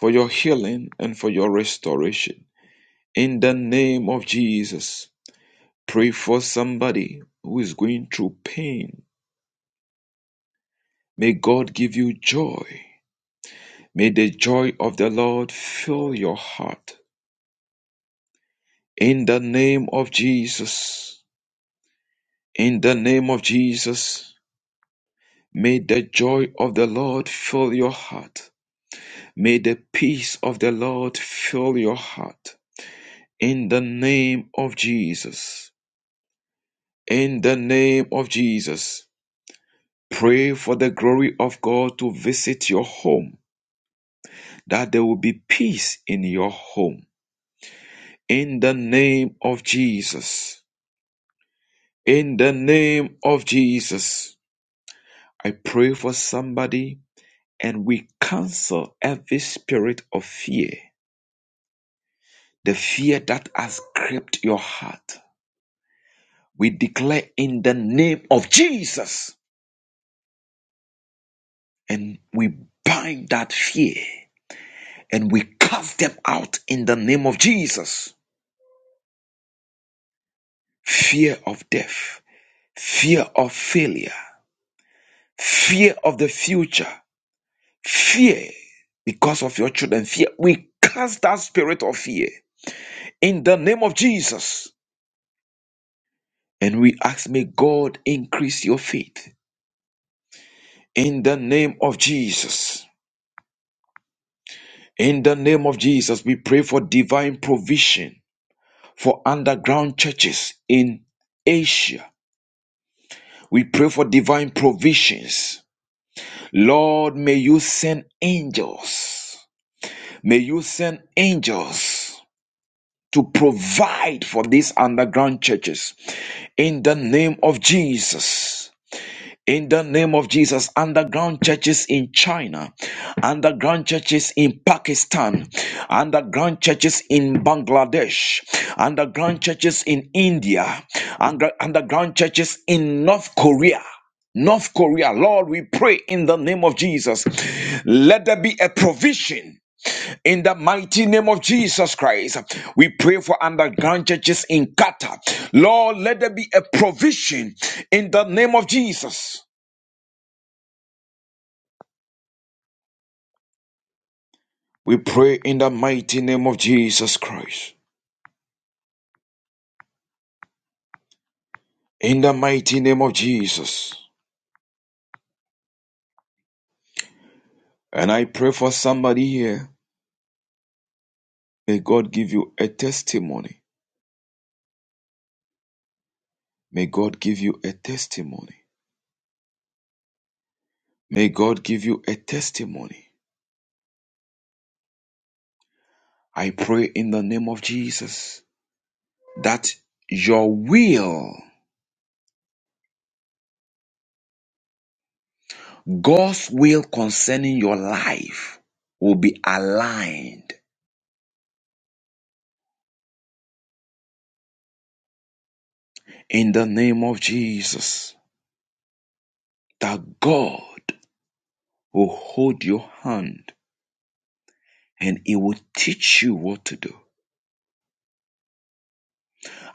S8: for your healing and for your restoration. In the name of Jesus, pray for somebody who is going through pain. May God give you joy May the joy of the Lord fill your heart. In the name of Jesus. In the name of Jesus. May the joy of the Lord fill your heart. May the peace of the Lord fill your heart. In the name of Jesus. In the name of Jesus. Pray for the glory of God to visit your home, that there will be peace in your home. In the name of Jesus. In the name of Jesus, I pray for somebody and we cancel every spirit of fear, the fear that has gripped your heart. We declare in the name of Jesus and we bind that fear and we cast them out in the name of Jesus. Fear of death, fear of failure, fear of the future, fear because of your children, fear. We cast that spirit of fear in the name of Jesus. And we ask, may God increase your faith in the name of Jesus. In the name of Jesus, we pray for divine provision for underground churches in Asia. We pray for divine provisions. Lord, may you send angels. May you send angels to provide for these underground churches in the name of Jesus. In the name of Jesus, underground churches in China, underground churches in Pakistan, underground churches in Bangladesh, underground churches in India, under- underground churches in North Korea. North Korea, Lord, we pray in the name of Jesus. Let there be a provision in the mighty name of Jesus Christ. We pray for underground churches in Qatar. Lord, let there be a provision in the name of Jesus. We pray in the mighty name of Jesus Christ. In the mighty name of Jesus. And I pray for somebody here. May God give you a testimony. May God give you a testimony. May God give you a testimony. I pray in the name of Jesus that your will, God's will concerning your life, will be aligned in the name of Jesus. That God will hold your hand and He will teach you what to do.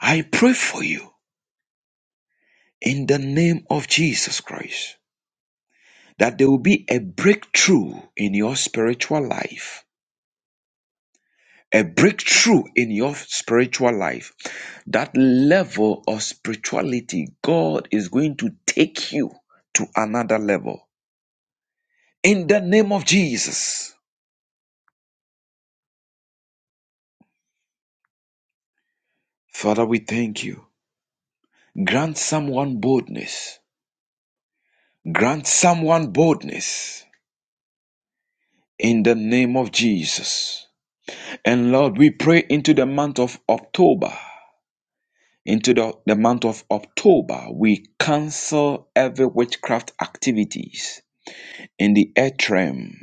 S8: I pray for you in the name of Jesus Christ that there will be a breakthrough in your spiritual life. A breakthrough in your spiritual life. That level of spirituality, God is going to take you to another level. In the name of Jesus. Father, we thank you. Grant someone boldness. Grant someone boldness. In the name of Jesus. And Lord, we pray into the month of October. Into the, the month of October, we cancel every witchcraft activities in the earth realm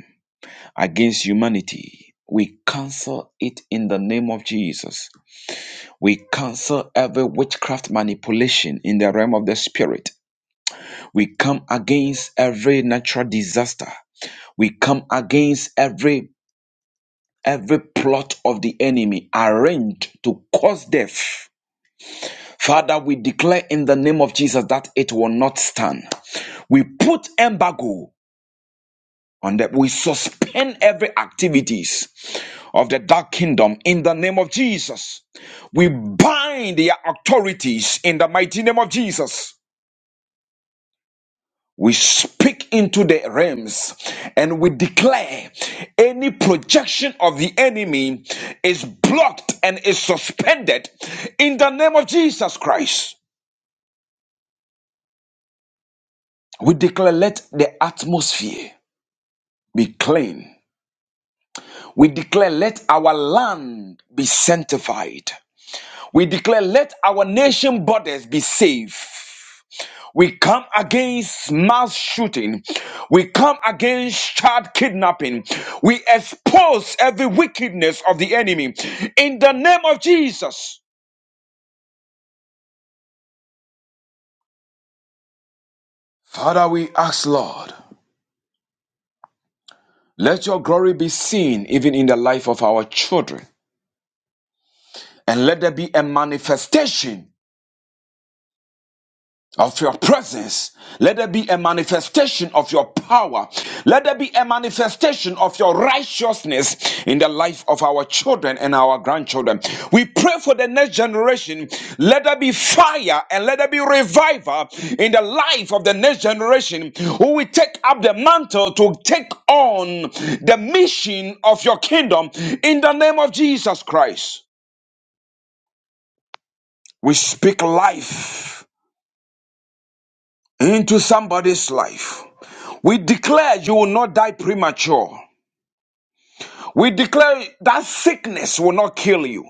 S8: against humanity. We cancel it in the name of Jesus. We cancel every witchcraft manipulation in the realm of the spirit. We come against every natural disaster. We come against every every plot of the enemy arranged to cause death Father, we declare in the name of Jesus that it will not stand. We put embargo on that. We suspend every activities of the dark kingdom in the name of Jesus. We bind their authorities in the mighty name of Jesus. We speak into the realms and we declare any projection of the enemy is blocked and is suspended in the name of Jesus Christ. We declare, let the atmosphere be clean. We declare, let our land be sanctified. We declare, let our nation borders be safe. We come against mass shooting. We come against child kidnapping. We expose every wickedness of the enemy. In the name of Jesus. Father, we ask, Lord, let your glory be seen even in the life of our children. And let there be a manifestation of your presence. Let there be a manifestation of your power. Let there be a manifestation of your righteousness in the life of our children and our grandchildren. We pray for the next generation. Let there be fire and let there be revival in the life of the next generation who will take up the mantle to take on the mission of your kingdom in the name of Jesus Christ. We speak life into somebody's life. We declare you will not die premature. We declare that sickness will not kill you.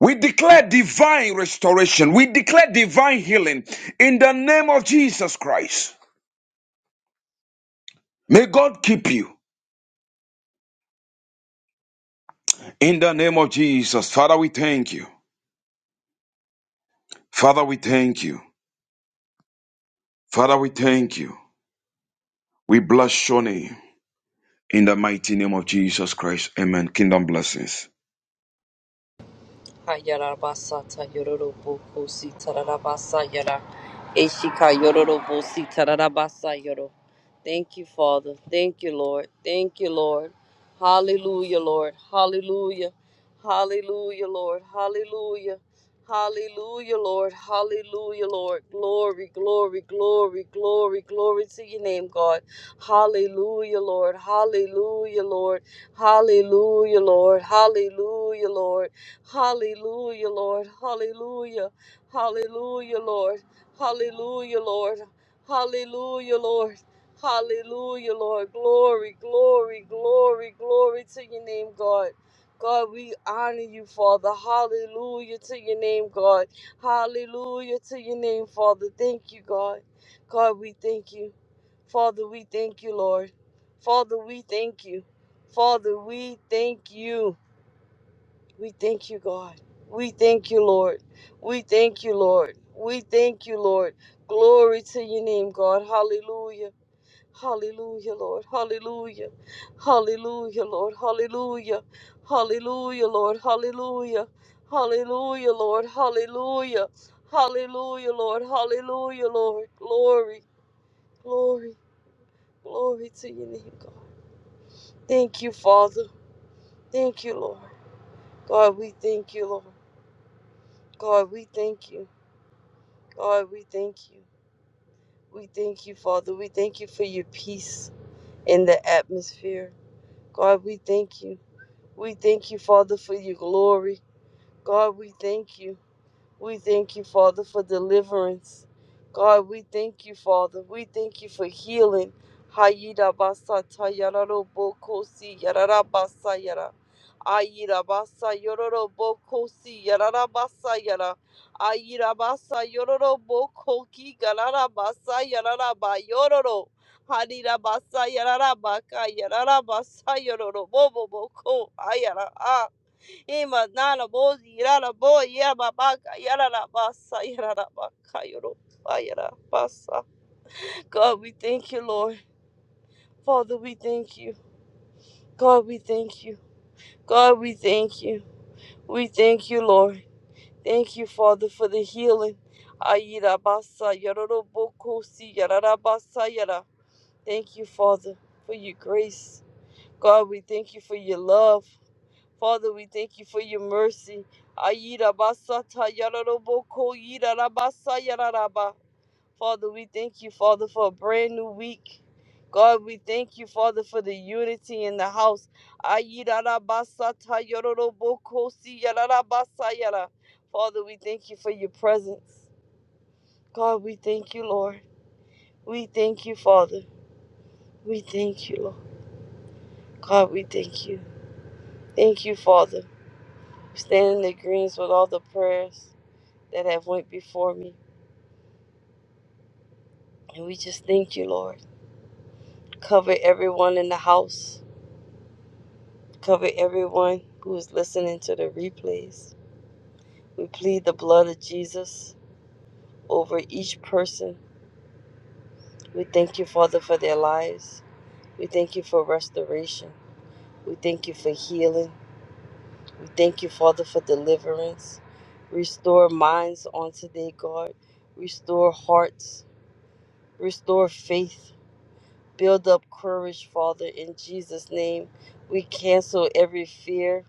S8: We declare divine restoration. We declare divine healing in the name of Jesus Christ. May God keep you in the name of Jesus. Father, we thank you. Father, we thank you. Father, we thank you. We bless your name in the mighty name of Jesus Christ. Amen. Kingdom blessings.
S3: Hayarabasata Yororobo Kosi Tararabasa Yara Eshika Yororobo Si Tararabasa Yoro. Thank you, Father. Thank you, Lord. Thank you, Lord. Hallelujah, Lord. Hallelujah. Hallelujah, Lord. Hallelujah. Hallelujah, Lord. Hallelujah, Lord. Glory, glory, glory, glory, glory to your name, God. Hallelujah, Lord. Hallelujah, Lord. Hallelujah, Lord. Hallelujah, Lord. Hallelujah, Lord. Hallelujah. Hallelujah, Lord. Hallelujah, Lord. Hallelujah, Lord. Hallelujah, Lord. Glory, glory, glory, glory to your name, God. God, we honor you, Father. Hallelujah to your name, God. Hallelujah to your name, Father. Thank you, God. God, we thank you. Father, we thank you, Lord. Father, we thank you. Father, we thank you. We thank you, God. We thank you, Lord. We thank you, Lord. We thank you, Lord. Glory to your name, God. Hallelujah. Hallelujah, Lord. Hallelujah. Hallelujah, Lord. Hallelujah. Hallelujah, Lord. Hallelujah. Hallelujah, Lord. Hallelujah. Hallelujah, Lord. Hallelujah, Lord. Glory, glory, glory to your name, God. Thank you, Father. Thank you, Lord. God, we thank you, Lord. God, we thank you. Lord, we thank you. We thank you, Father. We thank you for your peace in the atmosphere. God, we thank you. We thank you, Father, for your glory. God, we thank you. We thank you, Father, for deliverance. God, we thank you, Father. We thank you for healing. Hayida basa tayararo boko si yarara basa yara. Ayira basa yororo boko si yarara basa yara. Ayira basa yororo boko garara basa yarara ba yororo. Hadira basa yarara baka yarara basa yororo bobo boko ayara. Ah. Ima nana bozi yara bo yama baka yara la basa yara la baka yoro ba basa. God, we thank you, Lord. Father, we thank you. God, we thank you. God, we thank you. We thank you, Lord. Thank you, Father, for the healing. Ayira basa yaroro ro boko si yara basa yara. Thank you, Father, for your grace. God, we thank you for your love. Father, we thank you for your mercy. Ayira basa ta yararoboko yira rabasa yararaba. Father, we thank you, Father, for a brand new week. God, we thank you, Father, for the unity in the house. Ayira rabasa ta yararoboko si yararabasa yara. Father, we thank you for your presence. God, we thank you, Lord. We thank you, Father. We thank you, Lord. God, we thank you. Thank you, Father. Stand in the greens with all the prayers. that have went before me. And we just thank you, Lord. Cover everyone in the house. Cover everyone who is listening to the replays. We plead the blood of Jesus over each person. We thank you, Father, for their lives. We thank you for restoration. We thank you for healing. We thank you, Father, for deliverance. Restore minds on today, God. Restore hearts. Restore faith. Build up courage, Father, in Jesus' name. We cancel every fear,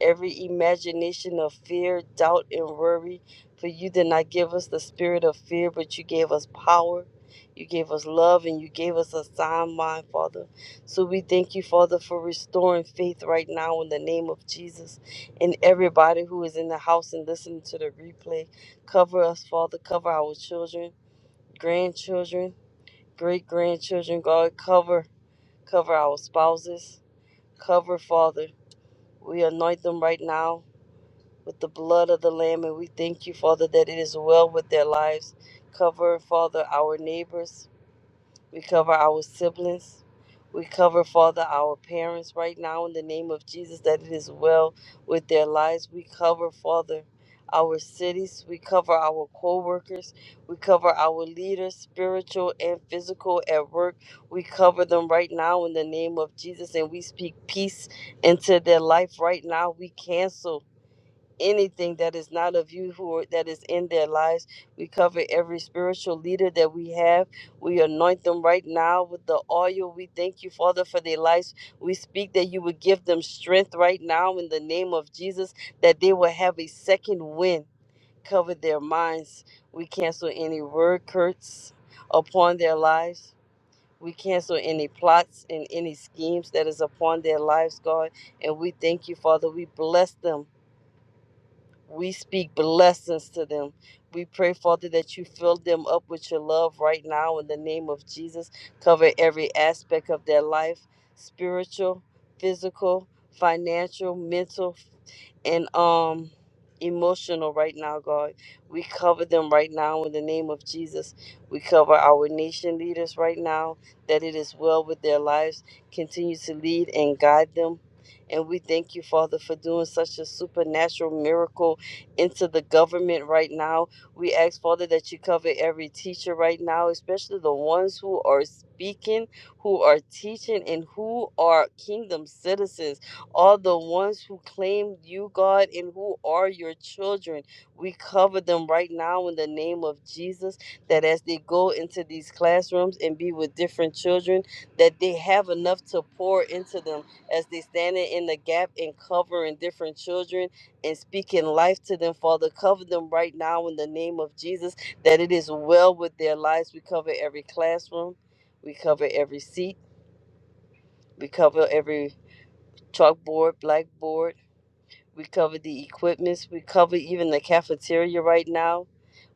S3: every imagination of fear, doubt, and worry. For you did not give us the spirit of fear, but you gave us power. You gave us love and you gave us a sound mind, Father. So we thank you, Father, for restoring faith right now in the name of Jesus. And everybody who is in the house and listening to the replay, cover us, Father. Cover our children, grandchildren, great grandchildren. God, cover Cover our spouses. Cover, Father. We anoint them right now with the blood of the Lamb, and we thank you, Father, that it is well with their lives. Cover, Father, our neighbors. We cover our siblings. We cover, Father, our parents right now in the name of Jesus that it is well with their lives. We cover, Father, our cities. We cover our co workers. We cover our leaders, spiritual and physical at work. We cover them right now in the name of Jesus and we speak peace into their life right now. We cancel anything that is not of you who are, that is in their lives. We cover every spiritual leader that we have. We anoint them right now with the oil. We thank you, Father, for their lives. We speak that you would give them strength right now in the name of Jesus, that they will have a second wind. Cover their minds. We cancel any word curse upon their lives. We cancel any plots and any schemes that is upon their lives, God. And we thank you, Father. We bless them we speak blessings to them. We pray, Father, that you fill them up with your love right now in the name of Jesus. Cover every aspect of their life spiritual, physical, financial, mental, and um emotional right now god we cover them right now in the name of jesus we cover our nation leaders right now that it is well with their lives continue to lead and guide them and we thank you father for doing such a supernatural miracle into the government right now. We ask, Father, that you cover every teacher right now, especially the ones who are speaking, who are teaching, and who are kingdom citizens, all the ones who claim you, God, and who are your children. We cover them right now in the name of Jesus, that as they go into these classrooms and be with different children, that they have enough to pour into them as they stand in the gap and covering different children and speaking life to them, Father. Cover them right now in the name of Jesus, that it is well with their lives. We cover every classroom, we cover every seat, we cover every chalkboard, blackboard. We cover the equipments. We cover even the cafeteria right now.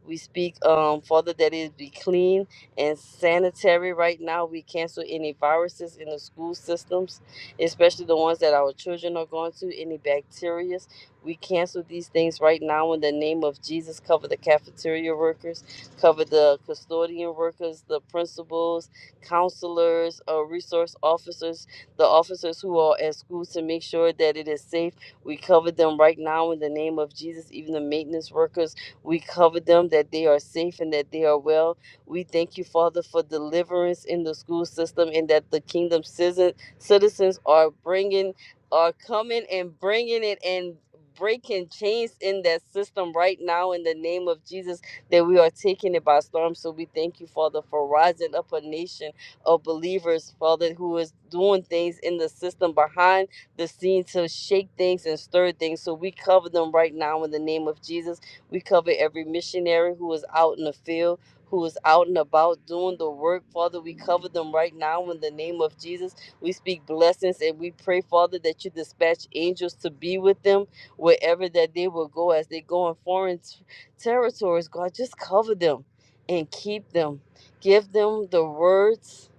S3: We speak, um, Father, that it be clean and sanitary right now. We cancel any viruses in the school systems, especially the ones that our children are going to, any bacterias. We cancel these things right now in the name of Jesus. Cover the cafeteria workers, cover the custodian workers, the principals, counselors, uh, resource officers, the officers who are at school to make sure that it is safe we cover them right now in the name of Jesus, even the maintenance workers. We cover them that they are safe and that they are well. We thank you, Father, for deliverance in the school system and that the kingdom citizen, citizens are bringing, are coming and bringing it and breaking chains in that system right now in the name of Jesus that we are taking it by storm. So we thank you, Father, for rising up a nation of believers, Father, who is doing things in the system behind the scene to shake things and stir things. So we cover them right now in the name of Jesus. We cover every missionary who is out in the field, who is out and about doing the work. Father, we cover them right now in the name of Jesus. We speak blessings and we pray, Father, that you dispatch angels to be with them wherever that they will go as they go in foreign t- territories. God, just cover them and keep them. Give them the words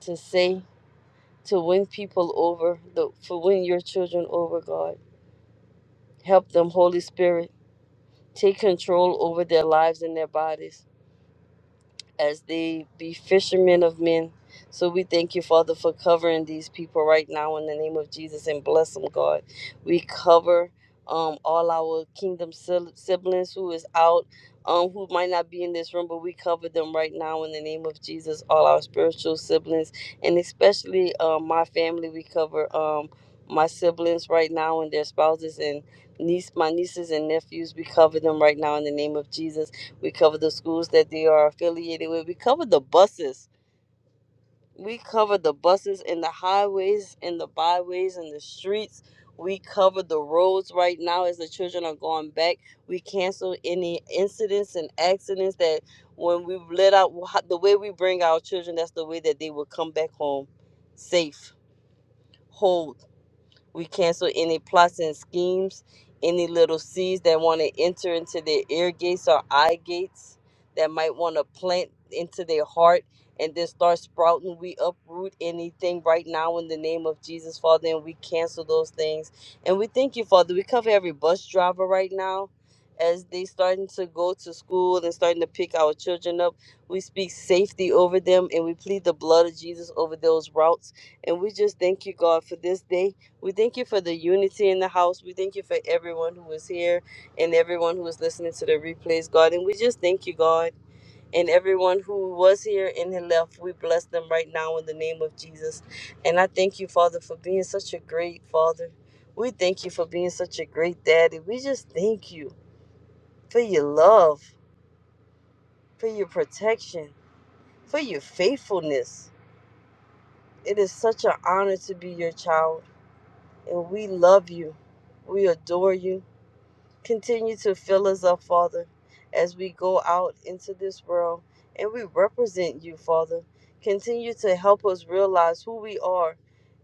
S3: to say to win people over, the, for win your children over, God. Help them, Holy Spirit. Take control over their lives and their bodies as they be fishermen of men. So we thank you, Father, for covering these people right now in the name of Jesus and bless them, God. We cover um, all our kingdom sil- siblings who is out, um, who might not be in this room, but we cover them right now in the name of Jesus, all our spiritual siblings, and especially um, my family. We cover um, my siblings right now and their spouses and niece, my nieces and nephews. We cover them right now in the name of Jesus we cover the schools that they are affiliated with. We cover the buses. We cover the buses and the highways and the byways and the streets. We cover the roads right now as the children are going back. We cancel any incidents and accidents that when we let out the way we bring our children, that's the way that they will come back home safe, whole, we cancel any plots and schemes, any little seeds that want to enter into their ear gates or eye gates that might want to plant into their heart and then start sprouting. We uproot anything right now in the name of Jesus, Father, and we cancel those things. And we thank you, Father. We cover every bus driver right now. As they starting to go to school and starting to pick our children up, we speak safety over them and we plead the blood of Jesus over those routes. And we just thank you, God, for this day we thank you for the unity in the house. We thank you for everyone who is here and everyone who is listening to the replays, God. And we just thank you, God. And everyone who was here and had left, we bless them right now in the name of Jesus. And I thank you, Father, for being such a great Father. We thank you for being such a great daddy. We just thank you for your love, for your protection, for your faithfulness. It is such an honor to be your child. And we love you. We adore you Continue to fill us up, Father, as we go out into this world and we represent you, Father. Continue to help us realize who we are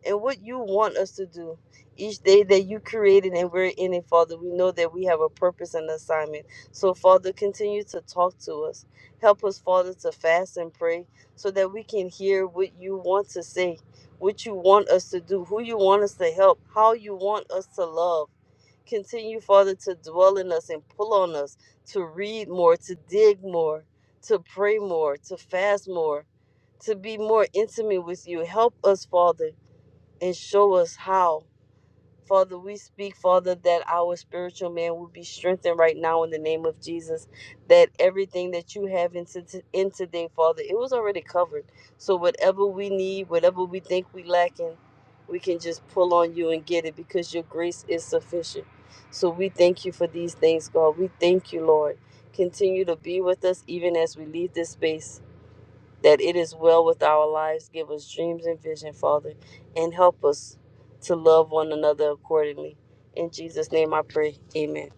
S3: and what you want us to do. Each day that you created and we're in it, Father, we know that we have a purpose and assignment. So, Father, continue to talk to us. Help us, Father, to fast and pray so that we can hear what you want to say, what you want us to do, who you want us to help, how you want us to love. Continue, Father, to dwell in us and pull on us to read more, to dig more, to pray more, to fast more, to be more intimate with you. Help us, Father, and show us how. Father, we speak, Father, that our spiritual man will be strengthened right now in the name of Jesus. That everything that you have in, to- in today, Father, it was already covered. So whatever we need, whatever we think we lacking, we can just pull on you and get it because your grace is sufficient. So we thank you for these things, God. We thank you, Lord. Continue to be with us even as we leave this space that it is well with our lives. Give us dreams and vision, Father, and help us to love one another accordingly. In Jesus' name I pray. Amen.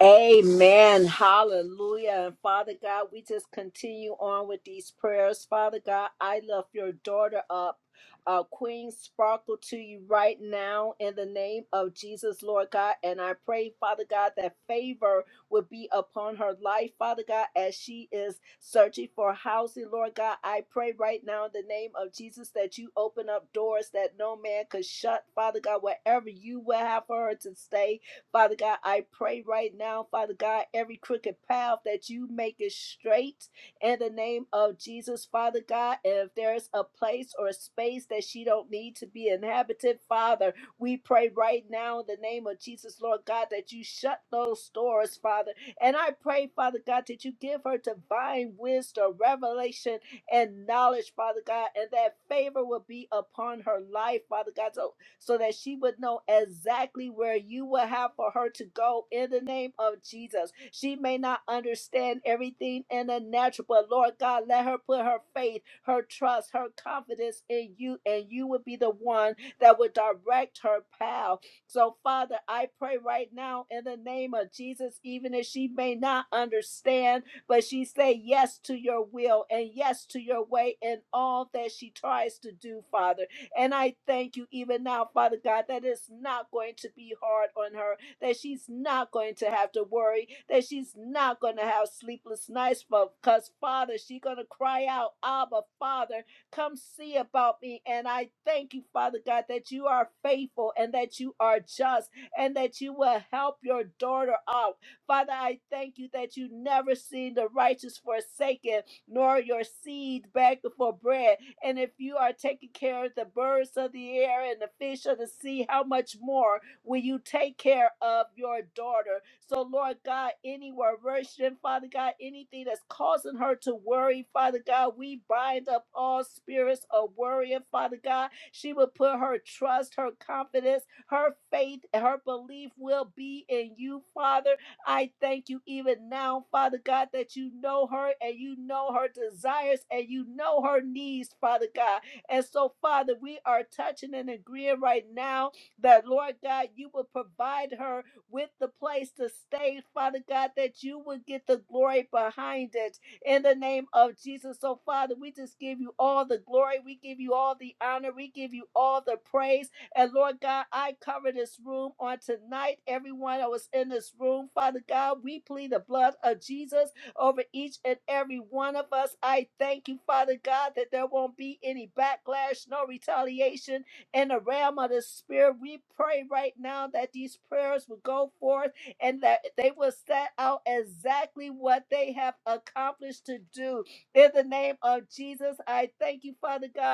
S1: Amen. Hallelujah. And Father God, we just continue on with these prayers. Father God, I lift your daughter up. Uh, Queen Sparkle to you right now in the name of Jesus, Lord God. And I pray, Father God, that favor would be upon her life, Father God, as she is searching for housing, Lord God. I pray right now in the name of Jesus that you open up doors that no man could shut, Father God, wherever you will have for her to stay. Father God, I pray right now, Father God, every crooked path that you make it straight in the name of Jesus, Father God. And if there's a place or a space that she don't need to be inhabited, Father, we pray right now in the name of Jesus, Lord God, that you shut those doors, Father. And I pray, Father God, that you give her divine wisdom, revelation, and knowledge, Father God, and that favor will be upon her life, Father God. So so that she would know exactly where you will have for her to go in the name of Jesus. She may not understand everything in the natural, but Lord God, let her put her faith, her trust, her confidence in you, and you will be the one that would direct her path. So, Father, I pray right now in the name of Jesus, even if she may not understand, but she say yes to your will and yes to your way in all that she tries to do, Father. And I thank you even now, Father God, that it's not going to be hard on her, that she's not going to have to worry, that she's not going to have sleepless nights, because, Father, she's going to cry out, Abba, Father, come see about me. And I thank you, Father God, that you are faithful and that you are just and that you will help your daughter out. Father, I thank you that you never seen the righteous forsaken, nor your seed begging for bread. And if you are taking care of the birds of the air and the fish of the sea, how much more will you take care of your daughter? So, Lord God, any aversion, Father God, anything that's causing her to worry, Father God, we bind up all spirits of worrying, Father God. She will put her trust, her confidence, her faith, and her belief will be in you, Father. I thank you even now, Father God, that you know her and you know her desires and you know her needs, Father God. And so, Father, we are touching and agreeing right now that, Lord God, you will provide her with the place to stay, Father God, that you will get the glory behind it in the name of Jesus. So, Father, we just give you all the glory. We give you all the honor. We give you all the praise. And Lord God, I cover this room on tonight. Everyone that was in this room, Father God, we plead the blood of Jesus over each and every one of us. I thank you, Father God, that there won't be any backlash, no retaliation in the realm of the spirit. We pray right now that these prayers will go forth and that they will set out exactly what they have accomplished to do. In the name of Jesus, I thank you, Father God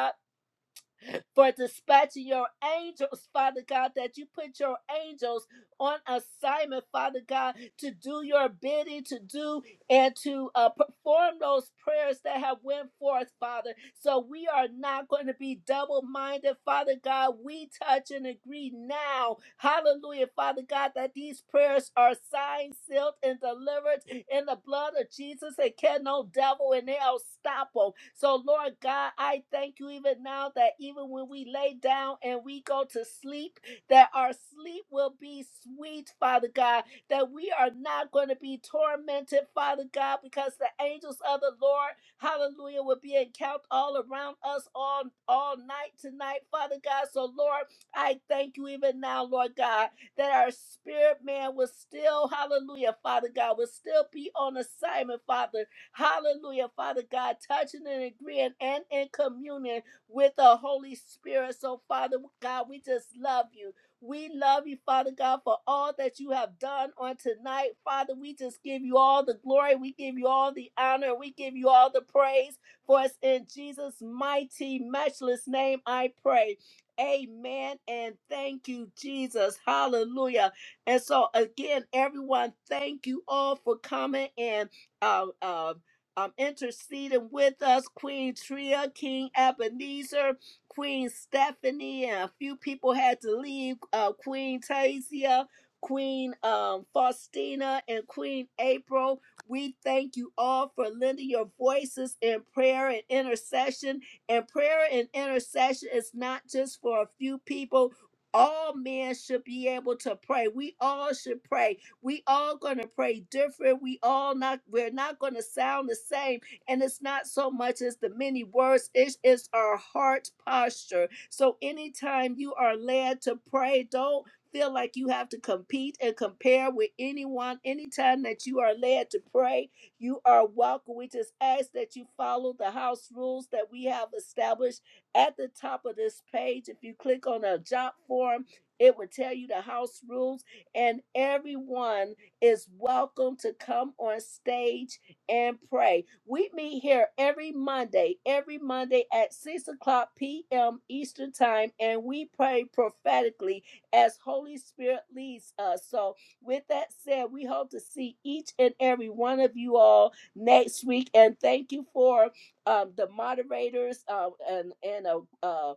S1: for dispatching your angels, Father God, that you put your angels on assignment, Father God, to do your bidding, to do and to uh, perform those prayers that have went forth, Father. So we are not going to be double-minded, Father God. We touch and agree now, Hallelujah, Father God, that these prayers are signed, sealed, and delivered in the blood of Jesus. And can no devil and hell stop them. So Lord God, I thank you even now that even when we lay down and we go to sleep, that our sleep will be sweet, Father God that we are not going to be tormented, Father God, because the angels of the Lord, hallelujah, will be encamped all around us all, all night tonight, Father God. So, Lord, I thank you even now, Lord God, that our spirit man will still, hallelujah, Father God, will still be on assignment, Father. Hallelujah, Father God, touching and agreeing and in communion with the Holy Spirit. So, Father God, we just love you. We love you, Father God, for all that you have done on tonight. Father, we just give you all the glory. We give you all the honor. We give you all the praise. For us in Jesus' mighty, matchless name, I pray. Amen. And thank you, Jesus. Hallelujah. And so, again, everyone, thank you all for coming and uh, uh, um, interceding with us, Queen Tria, King Ebenezer. Queen Stephanie, and a few people had to leave. Uh, Queen Tasia, Queen um, Faustina, and Queen April. We thank you all for lending your voices in prayer and intercession. And prayer and intercession is not just for a few people. All men should be able to pray. We all should pray. We all gonna pray different. We all not. We're not gonna sound the same and it's not so much as the many words, it is our heart posture. So anytime you are led to pray, don't feel like you have to compete and compare with anyone. Anytime that you are led to pray, you are welcome. We just ask that you follow the house rules that we have established at the top of this page. If you click on a job form, it will tell you the house rules, and everyone is welcome to come on stage and pray. We meet here every Monday, every Monday at 6 o'clock p.m. Eastern Time, and we pray prophetically as Holy Spirit leads us. So, with that said, we hope to see each and every one of you all next week. And thank you for um, the moderators um, and, and a. uh,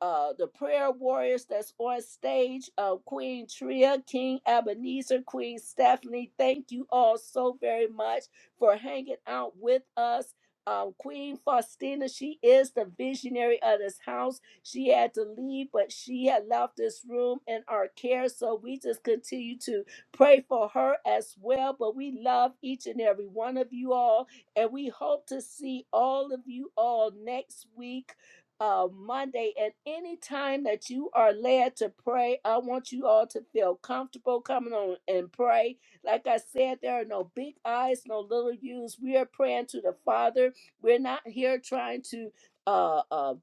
S1: uh, the prayer warriors that's on stage uh, Queen Tria, King Ebenezer, Queen Stephanie. Thank you all so very much for hanging out with us. Um, Queen Faustina, she is the visionary of this house. She had to leave, but she had left this room in our care. So we just continue to pray for her as well. But we love each and every one of you all, and we hope to see all of you all next week uh, Monday. And any time that you are led to pray, I want you all to feel comfortable coming on and pray. Like I said, there are no big eyes, no little U's. We are praying to the Father. We're not here trying to. uh, uh.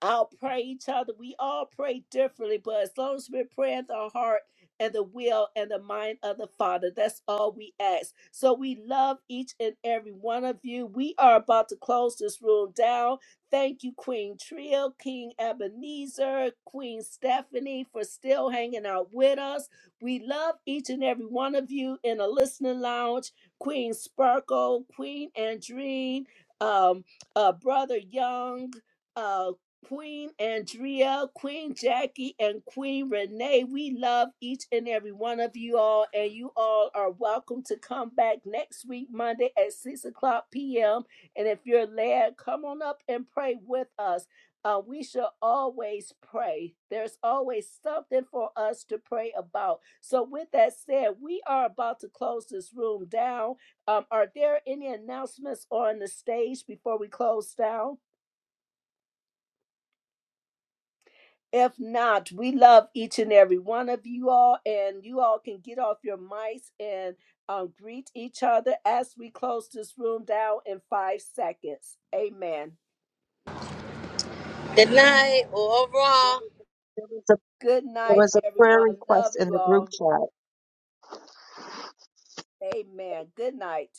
S1: I'll pray each other. We all pray differently, but as long as we're praying the heart and the will and the mind of the Father, that's all we ask. So we love each and every one of you. We are about to close this room down. Thank you, Queen Trill, King Ebenezer, Queen Stephanie, for still hanging out with us. We love each and every one of you in a listening lounge. Queen Sparkle, Queen Andreen, um, uh, Brother Young, uh. Queen Andrea, Queen Jackie, and Queen Renee. We love each and every one of you all, and you all are welcome to come back next week, Monday at 6 o'clock p.m. And if you're led, come on up and pray with us. Uh, we shall always pray. There's always something for us to pray about. So, with that said, we are about to close this room down. Um, are there any announcements on the stage before we close down? If not, we love each and every one of you all, and you all can get off your mics and um, greet each other as we close this room down in five seconds. Amen.
S3: Good night or au revoir.
S7: There was a,
S1: Good
S7: there
S1: night,
S7: was a prayer
S1: everyone. Love
S7: request in
S1: you
S7: the group
S1: all.
S7: chat.
S1: Amen. Good night.